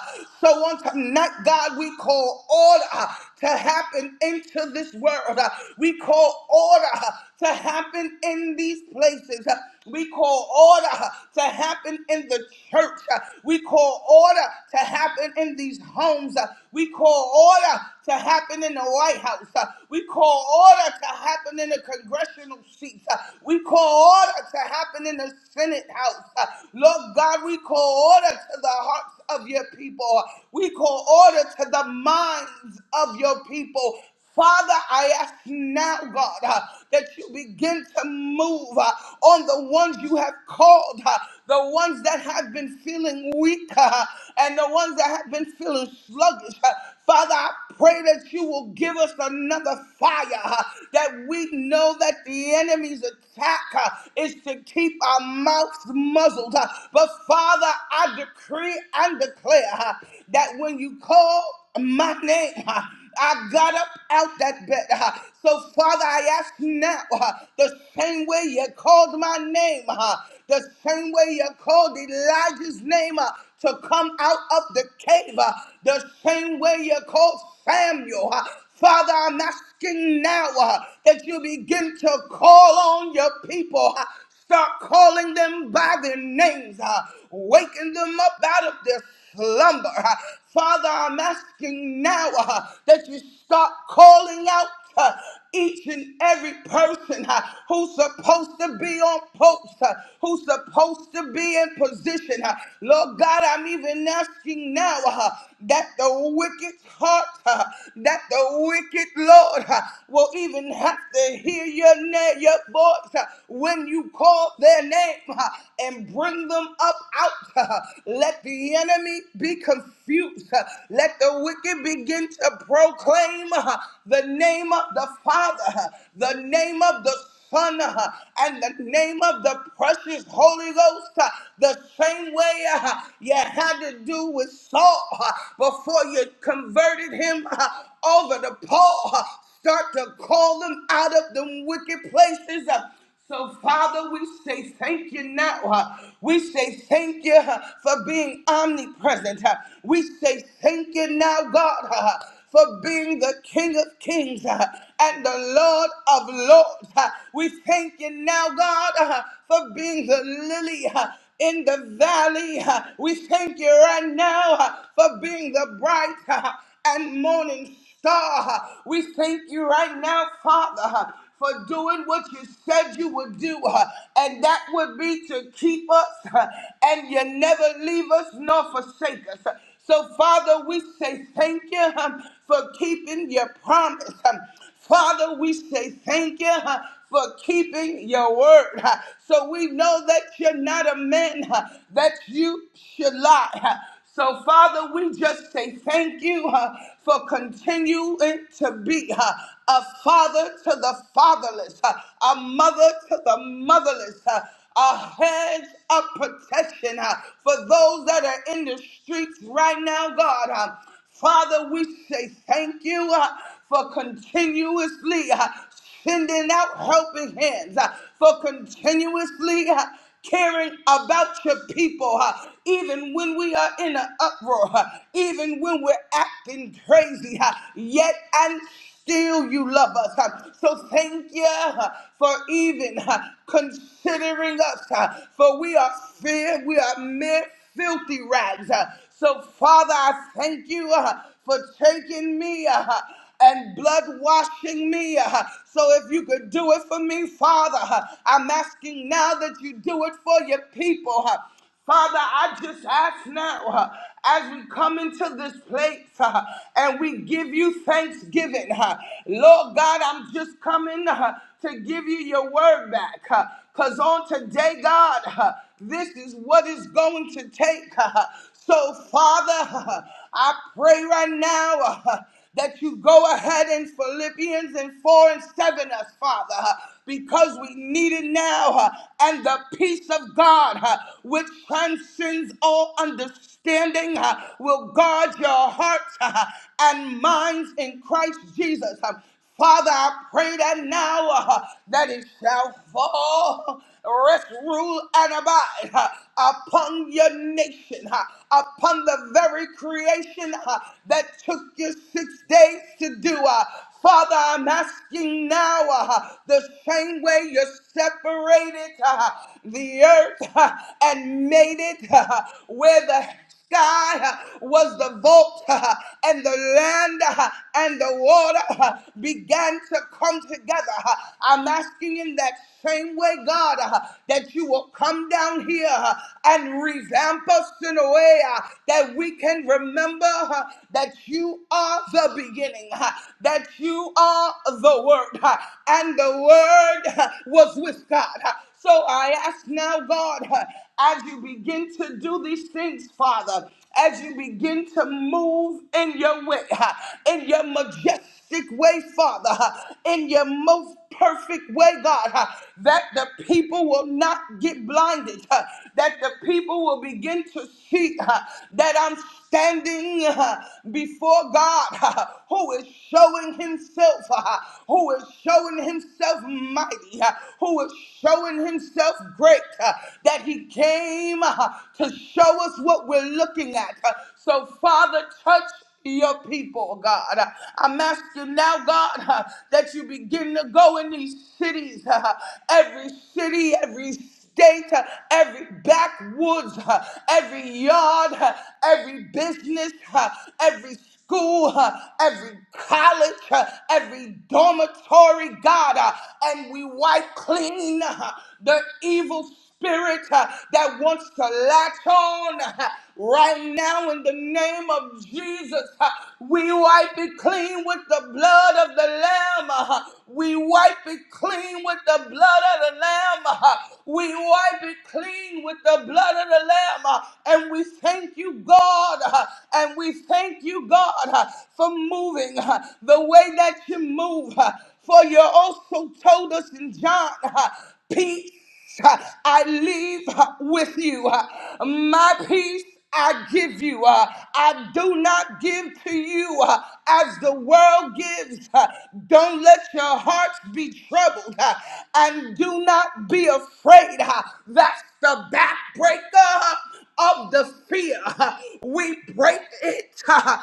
Speaker 3: So on tonight, God, we call order to happen into this world. Uh, We call order uh, to happen in these places. Uh, We call order uh, to happen in the church. Uh, We call order to happen in these homes. Uh, We call order to happen in the White House. Uh, We call order to happen in the congressional seats. Uh, We call order to happen in the Senate House. Uh, Lord God, we call order to the hearts of your people. We call order to the minds of your people. Father, I ask now, God, uh, that you begin to move uh, on the ones you have called, uh, the ones that have been feeling weak, uh, and the ones that have been feeling sluggish. uh, Father, I pray that you will give us another fire uh, that we know that the enemy's attack uh, is to keep our mouths muzzled. uh, But Father, I decree and declare uh, that when you call my name, uh, I got up out that bed. uh, So, Father, I ask now uh, the same way you called my name, uh, the same way you called Elijah's name. uh, to come out of the cave uh, the same way you called Samuel. uh. Father, I'm asking now uh, that you begin to call on your people. uh, Start calling them by their names, uh, waking them up out of their slumber. uh. Father, I'm asking now uh, that you start calling out uh, each and every person uh, who's supposed to be on post, uh, who's supposed to be in position. uh, Lord God, I'm even asking now uh, that the wicked heart, uh, that the wicked Lord uh, will even have to hear your name, your voice uh, when you call their name uh, and bring them up out. uh, Let the enemy be confused. uh, Let the wicked begin to proclaim uh, the name of the Father, the name of the Son, uh, and the name of the precious Holy Ghost, uh, the same way uh, you had to do with Saul uh, before you converted him uh, over to Paul. Uh, Start to call them out of them wicked places Uh, so, Father, we say thank you now. uh, We say thank you uh, for being omnipresent. uh, We say thank you now, God, uh, for being the King of Kings uh, and the Lord of Lords. uh, We thank you now, God, uh, for being the lily uh, in the valley. uh, We thank you right now uh, for being the bright uh, and morning star. We thank you right now, Father, for doing what you said you would do, and that would be to keep us, and you never leave us nor forsake us. So, Father, we say thank you um, for keeping your promise. Um, Father, we say thank you huh, for keeping your word. huh. So we know that you're not a man huh, that you should lie. huh. So, Father, we just say thank you uh, for continuing to be uh, a father to the fatherless, uh, a mother to the motherless, uh, a hedge of protection uh, for those that are in the streets right now, God. uh, Father, we say thank you uh, for continuously uh, sending out helping hands, uh, for continuously uh, caring about your people, uh, even when we are in an uproar, uh, even when we're acting crazy, uh, yet and still you love us. Uh, So thank you uh, for even uh, considering us, uh, for we are feared, we are mere filthy rags. Uh, So, Father, I thank you uh, for taking me. uh, and blood washing me. uh, So if you could do it for me, Father, uh, I'm asking now that you do it for your people. uh, Father, I just ask now uh, as we come into this place uh, and we give you thanksgiving. uh, Lord God, I'm just coming uh, to give you your word back. Because on today, God, uh, this is what is going to take. uh, so, Father, uh, I pray right now. uh, that you go ahead in Philippians and 4 and 7 us, Father. uh, because we need it now. huh, And the peace of God, huh, which transcends all understanding, huh, will guard your hearts huh, and minds in Christ Jesus. huh. Father, I pray that now uh, that it shall fall, rest, rule, and abide uh, upon your nation, uh, upon the very creation uh, that took you six days to do. uh, Father, I'm asking now uh, the same way you separated uh, the earth uh, and made it uh, where the sky uh, was the vault uh, and the land uh, and the water uh, began to come together. uh, I'm asking in that same way, God, uh, that you will come down here uh, and revamp us in a way uh, that we can remember uh, that you are the beginning beginning uh, that you are the Word, uh, and the Word uh, was with God. Uh, So I ask now, God, uh, as you begin to do these things, Father, as you begin to move in your way, uh, in your majestic drastic way, Father, in your most perfect way, God, that the people will not get blinded, that the people will begin to see that I'm standing before God who is showing himself, who is showing himself mighty, who is showing himself great, that he came to show us what we're looking at. So, Father, touch your people, oh God. I'm asking now, God, that you begin to go in these cities, every city, every state, every backwoods, every yard, every business, every school, uh, every college, uh, every dormitory, God, uh, and we wipe clean uh, the evil spirit uh, that wants to latch on uh, right now in the name of Jesus. uh, we wipe it clean with the blood of the Lamb. uh, we wipe it clean with the blood of the Lamb. uh, we wipe it clean with the blood of the Lamb. uh, and we thank you, God. uh, and we we thank you, God, uh, for moving uh, the way that you move. uh, For you also told us in John, uh, peace uh, I leave uh, with you. uh, My peace I give you. uh, I do not give to you uh, as the world gives. uh, Don't let your hearts be troubled uh, and do not be afraid. uh, That's the backbreaker. uh, of the fear. We break it uh,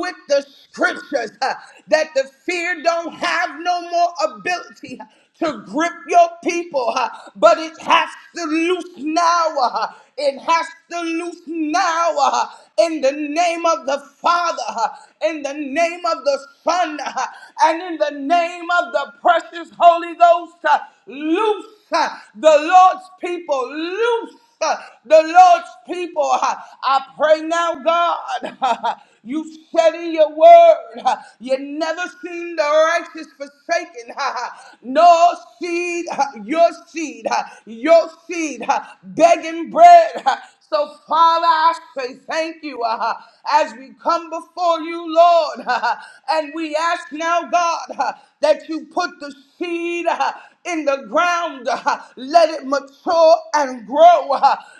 Speaker 3: with the scriptures uh, that the fear don't have no more ability to grip your people, uh, but it has to loose now. uh, It has to loose now uh, in the name of the Father, uh, in the name of the Son, uh, and in the name of the precious Holy Ghost. uh, Loose uh, the Lord's people, loose uh, the Lord's people. Uh, I pray now, God. You said in your word, uh, you never seen the righteous forsaken, No seed, uh, your seed, uh, your seed uh, begging bread. So, Father, I say thank you uh, as we come before you, Lord, and we ask now, God, that you put the seed. uh, in the ground. Let it mature and grow.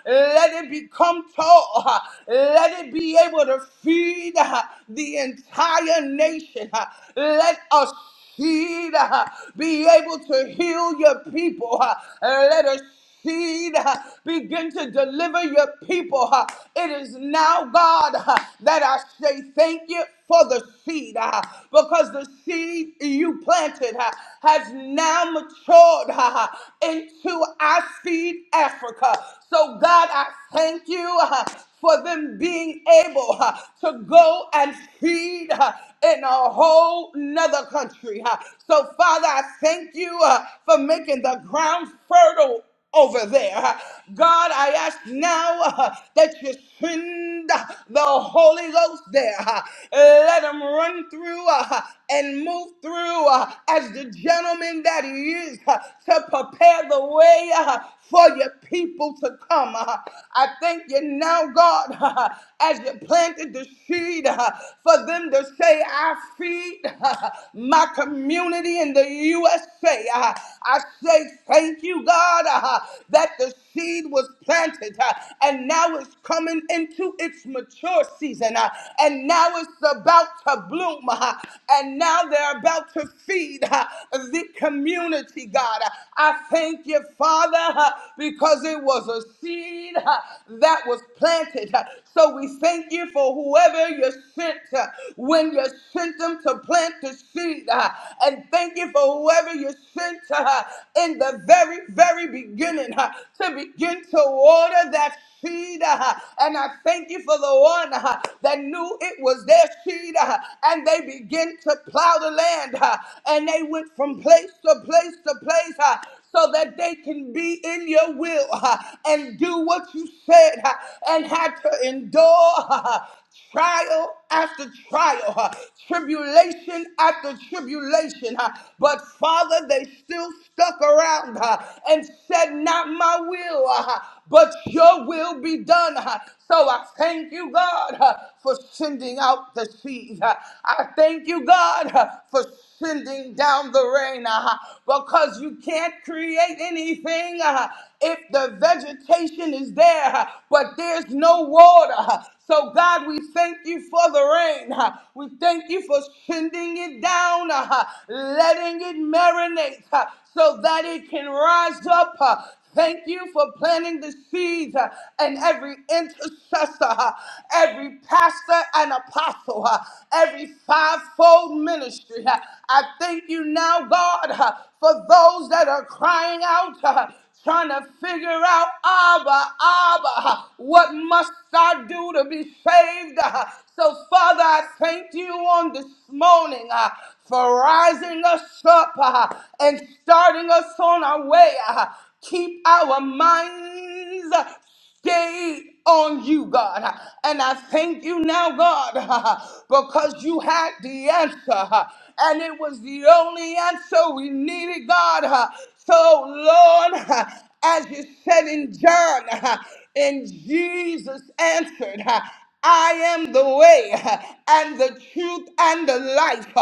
Speaker 3: Let it become tall. Let it be able to feed the entire nation. Let us seed uh, be able to heal your people. Uh, Let us seed uh, begin to deliver your people. uh. It is now, God, uh, that I say thank you for the seed uh, because the seed you planted uh, has now matured uh, into our seed Africa. So, God, I thank you uh, for them being able uh, to go and feed uh, in a whole nother country. uh. So, Father, I thank you uh, for making the ground fertile over there. God, I ask now uh, that you send uh, the Holy Ghost there. uh, Let him run through uh, and move through uh, as the gentleman that he is uh, to prepare the way uh, for your people to come. uh. I thank you now, God, uh, as you planted the seed uh, for them to say, I feed uh, my community in the USA. uh, I I say thank you, God, uh, that the seed was planted uh, and now it's coming into its mature season uh, and now it's about to bloom uh, and now they're about to feed uh, the community, God. Uh, I thank you, Father, uh, because it was a seed uh, that was planted. Uh, So we thank you for whoever you sent uh, when you sent them to plant the seed. uh, And thank you thank you for whoever you sent to her in the very, very beginning uh, to begin to water that seed. uh, And I thank you for the one uh, that knew it was their seed uh, and they began to plow the land uh, and they went from place to place to place. uh, So that they can be in your will uh, and do what you said uh, and had to endure uh, trial after trial, uh, tribulation after tribulation. uh, But Father, they still stuck around uh, and said, Not my will, uh, but your will be done. uh. So I thank you, God, uh, for sending out the seed. uh. I thank you, God, uh, for sending down the rain uh, because you can't create anything uh, if the vegetation is there, uh, but there's no water. uh. So, God, we thank you for the rain. huh. We thank you for sending it down, uh, huh, letting it marinate huh, so that it can rise up. huh. Thank you for planting the seeds uh, and every intercessor, uh, every pastor and apostle, uh, every fivefold ministry. uh, I thank you now, God, uh, for those that are crying out. uh, trying to figure out, Abba, Abba, what must I do to be saved? Uh, So, Father, I thank you on this morning uh, for rising us up uh, and starting us on our way. uh, Keep our minds stayed on you, God. And I thank you now, God, because you had the answer. And it was the only answer we needed, God. So, Lord, as you said in John, and Jesus answered. I am the way and the truth and the life.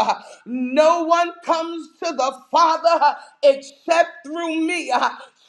Speaker 3: No one comes to the Father except through me.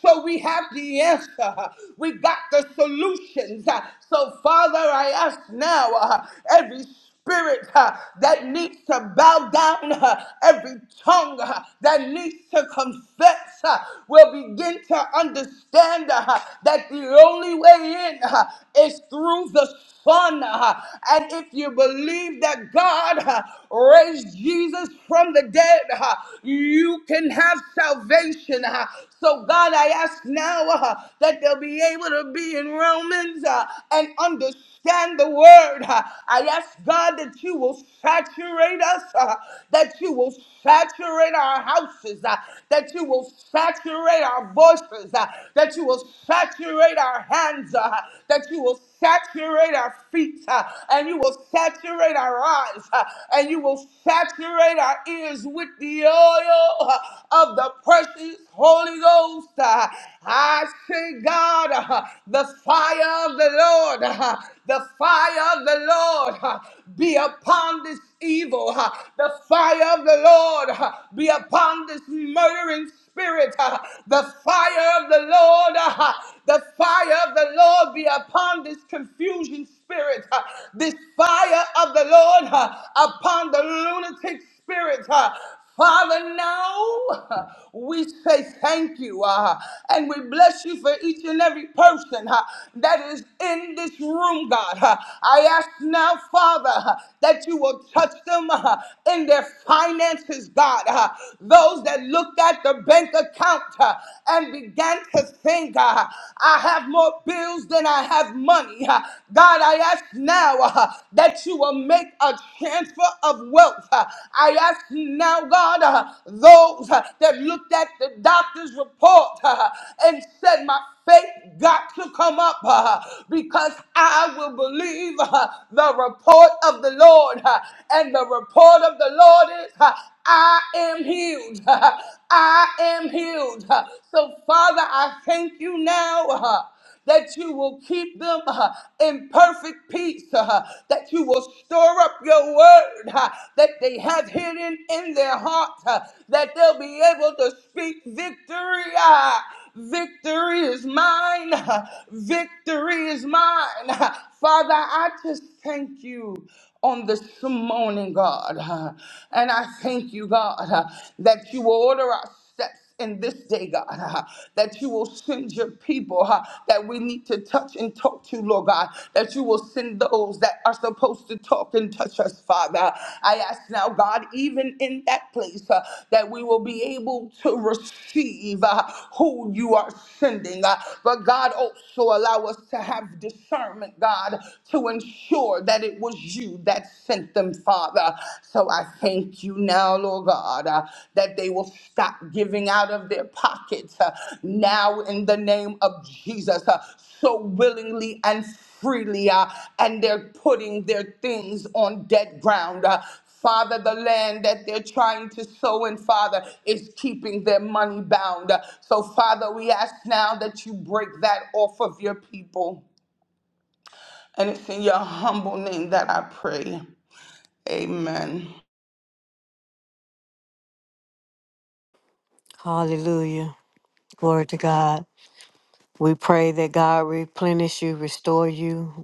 Speaker 3: So we have the answer. We got the solutions. So, Father, I ask now uh, every spirit uh, that needs to bow down, uh, every tongue uh, that needs to confess uh, will begin to understand uh, that the only way in uh, is through the Son. uh, and if you believe that God uh, raised Jesus from the dead, uh, you can have salvation. uh, so, God, I ask now uh, that they'll be able to be in Romans uh, and understand the word. Uh, I ask, God, that you will saturate us, uh, that you will saturate our houses, uh, that you will saturate our voices, uh, that you will saturate our hands, uh, that you will saturate our feet, uh, and you will saturate our eyes, uh, and you will saturate our ears with the oil uh, of the precious Holy Ghost. uh. I say, God, uh, the fire of the Lord, uh, the fire of the Lord. uh, be upon this evil. uh, The fire of the Lord uh, be upon this murdering spirit. uh, The fire of the Lord, uh, the fire of the Lord be upon this confusion spirit. uh, This fire of the Lord uh, upon the lunatic spirit. uh, Father, now we say thank you uh, and we bless you for each and every person uh, that is in this room, God. Uh, I ask now, Father, uh, that you will touch them uh, in their finances, God. Uh, those that looked at the bank account uh, and began to think, uh, I have more bills than I have money. Uh, God, I ask now. uh, that you will make a transfer of wealth. Uh, I ask you now, God, uh, those uh, that looked at the doctor's report uh, and said, My faith got to come up uh, because I will believe uh, the report of the Lord. uh, and the report of the Lord is, uh, I am healed. I am healed. uh, So, Father, I thank you now. that you will keep them uh, in perfect peace, uh, that you will store up your word uh, that they have hidden in their heart, uh, that they'll be able to speak victory. uh, Victory is mine. uh, Victory is mine. uh. Father, I just thank you on this morning, God. uh, And I thank you, God, uh, that you will order us steps in this day, God, uh, that you will send your people uh, that we need to touch and talk to, Lord God, that you will send those that are supposed to talk and touch us, Father. I ask now, God, even in that place, uh, that we will be able to receive uh, who you are sending. Uh, but God, also allow us to have discernment, God, to ensure that it was you that sent them, Father. Father. So I thank you now, Lord God, uh, that they will stop giving out of their pockets uh, now in the name of Jesus uh, so willingly and freely, uh, and they're putting their things on dead ground. uh, Father, the land that they're trying to sow in, Father, is keeping their money bound. Uh, So, Father, we ask now that you break that off of your people. And it's in your humble name that I pray. Amen.
Speaker 2: Hallelujah. Glory to God. We pray that God replenish you, restore you,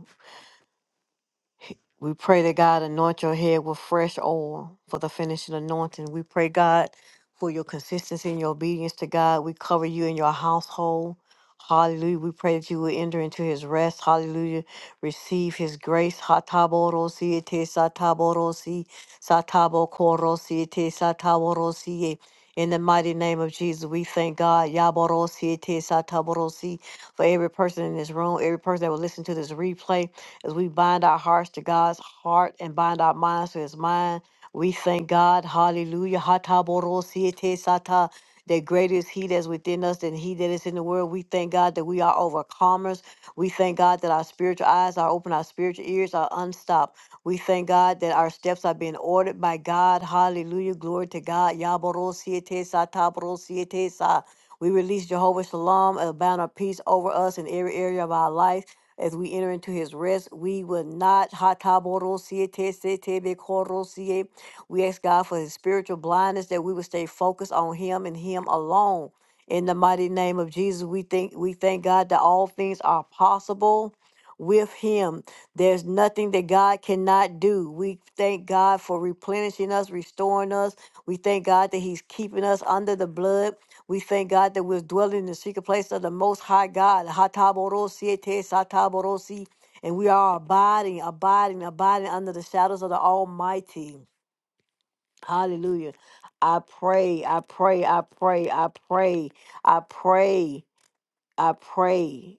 Speaker 2: we pray that God anoint your head with fresh oil for the finishing anointing. We pray, God, for your consistency and your obedience to God. We cover you and your household. Hallelujah. We pray that you will enter into his rest. Hallelujah. Receive his grace. Hataborosi te sataborosi satabokorosi te sataborosi. In the mighty name of Jesus, we thank God. Yaborosi te sataborosi for every person in this room, every person that will listen to this replay. As we bind our hearts to God's heart and bind our minds to his mind, we thank God. Hallelujah. Hataborosiete sata. That greater is he that's within us than he that is in the world. We thank God that we are overcomers. We thank God that our spiritual eyes are open, our spiritual ears are unstopped. We thank God that our steps are being ordered by God. Hallelujah. Glory to God. Yaborosiete sata, borosiete sa. We release Jehovah Shalom, a banner of peace over us in every area of our life as we enter into his rest. We will not. hataborosietesitebekorosie. We ask God for his spiritual blindness that we will stay focused on him and him alone. In the mighty name of Jesus, we think we thank God that all things are possible with him. There's nothing that God cannot do. We thank God for replenishing us, restoring us. We thank God that he's keeping us under the blood. We thank God that we're dwelling in the secret place of the Most High God. Hataborosi ete sataborosi. And we are abiding, abiding, abiding under the shadows of the Almighty. Hallelujah. I pray, I pray, I pray, I pray, I pray, I pray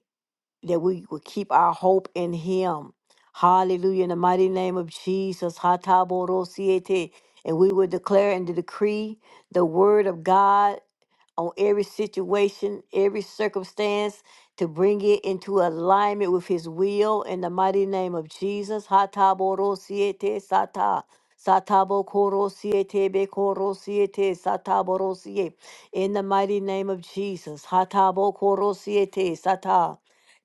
Speaker 2: that we will keep our hope in Him. Hallelujah. In the mighty name of Jesus. Hataborosi ete. And we will declare and decree the word of God on every situation, every circumstance, to bring it into alignment with His will in the mighty name of Jesus. Hataboro siete sata. Satabo koro siete be koro siete sataboro siete. In the mighty name of Jesus. Hatabo koro siete sata.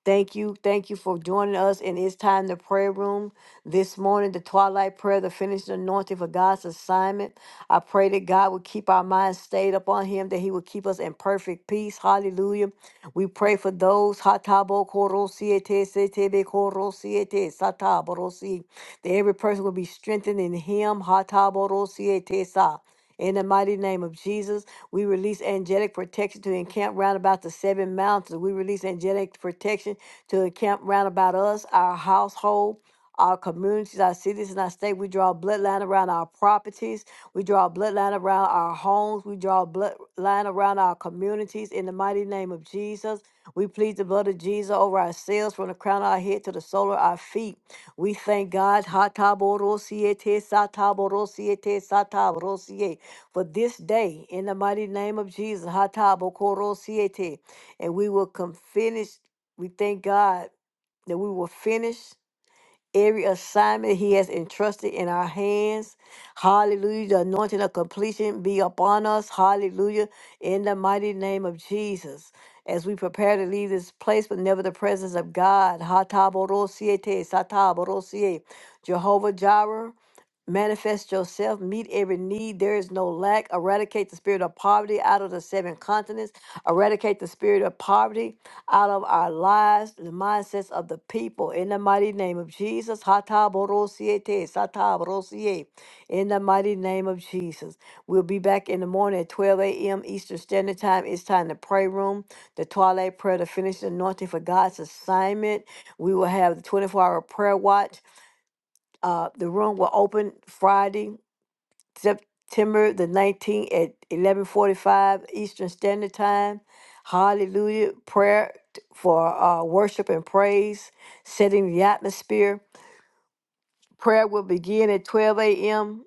Speaker 2: Thank you. Thank you for joining us in It's Time the Prayer Room. This morning, the twilight prayer, the finished anointing for God's assignment. I pray that God would keep our minds stayed upon Him, that He would keep us in perfect peace. Hallelujah. We pray for those hatabo korosiete setebe korosiete sataborosi, that every person will be strengthened in Him. Hataborosiete sa. In the mighty name of Jesus, we release angelic protection to encamp round about the seven mountains. We release angelic protection to encamp round about us, our household our communities, our cities, and our state. We draw a bloodline around our properties. We draw a bloodline around our homes. We draw a bloodline around our communities. In the mighty name of Jesus, we plead the blood of Jesus over ourselves from the crown of our head to the sole of our feet. We thank God ha ta bo ro si e te sa ta bo ro si e te sa ta bo ro si e, for this day. In the mighty name of Jesus, ha ta bo ko ro si e te. and we will come finish. We thank God that we will finish every assignment he has entrusted in our hands. Hallelujah. The anointing of completion be upon us. Hallelujah. In the mighty name of Jesus. As we prepare to leave this place, but never the presence of God. Hataborosiete, sataborosiete. Jehovah Jireh, manifest yourself, meet every need. There is no lack. Eradicate the spirit of poverty out of the seven continents. Eradicate the spirit of poverty out of our lives, the mindsets of the people. In the mighty name of Jesus. Hataborosiete, sataborosiye. In the mighty name of Jesus. We'll be back in the morning at 12 a.m. Eastern Standard Time. It's time to pray room, the twilight prayer, to finish the finishing anointing for God's assignment. We will have the 24 hour prayer watch. Uh, the room will open Friday September the 19th at 11:45 Eastern Standard Time. Hallelujah. Prayer t- for uh, worship and praise, setting the atmosphere. Prayer will begin at 12 a.m.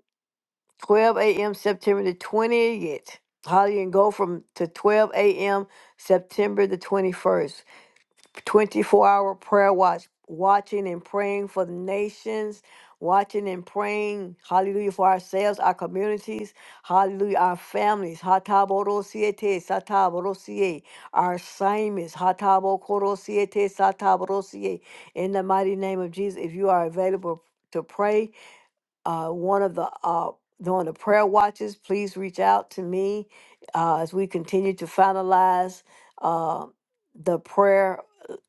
Speaker 2: 12 a.m. September the 20th. Hallelujah. And go from to 12 a.m. September the 21st. 24 hour prayer watch, watching and praying for the nations, watching and praying, hallelujah, for ourselves, our communities, hallelujah, our families, hataborosiete, satabosie, our assignments, hatabokoro siete satabosie. in the mighty name of Jesus. If you are available to pray, uh, one of the uh, during the prayer watches, please reach out to me uh, as we continue to finalize uh, the prayer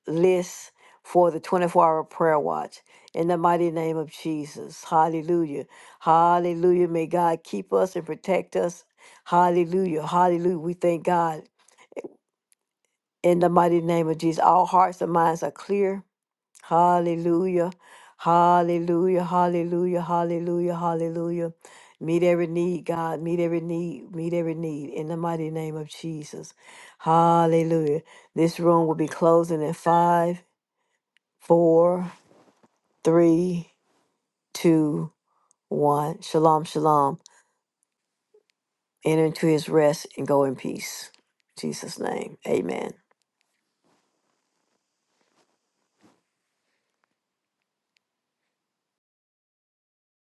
Speaker 2: list for the 24 hour prayer watch in the mighty name of Jesus. Hallelujah. Hallelujah. May God keep us and protect us. Hallelujah. Hallelujah. We thank God in the mighty name of Jesus. Our hearts and minds are clear. Hallelujah. Hallelujah. Hallelujah. Hallelujah. Hallelujah. Meet every need, God. Meet every need. Meet every need in the mighty name of Jesus. Hallelujah. This room will be closing in five, four, three, two, one. Shalom, shalom. Enter into his rest and go in peace. In Jesus' name. Amen.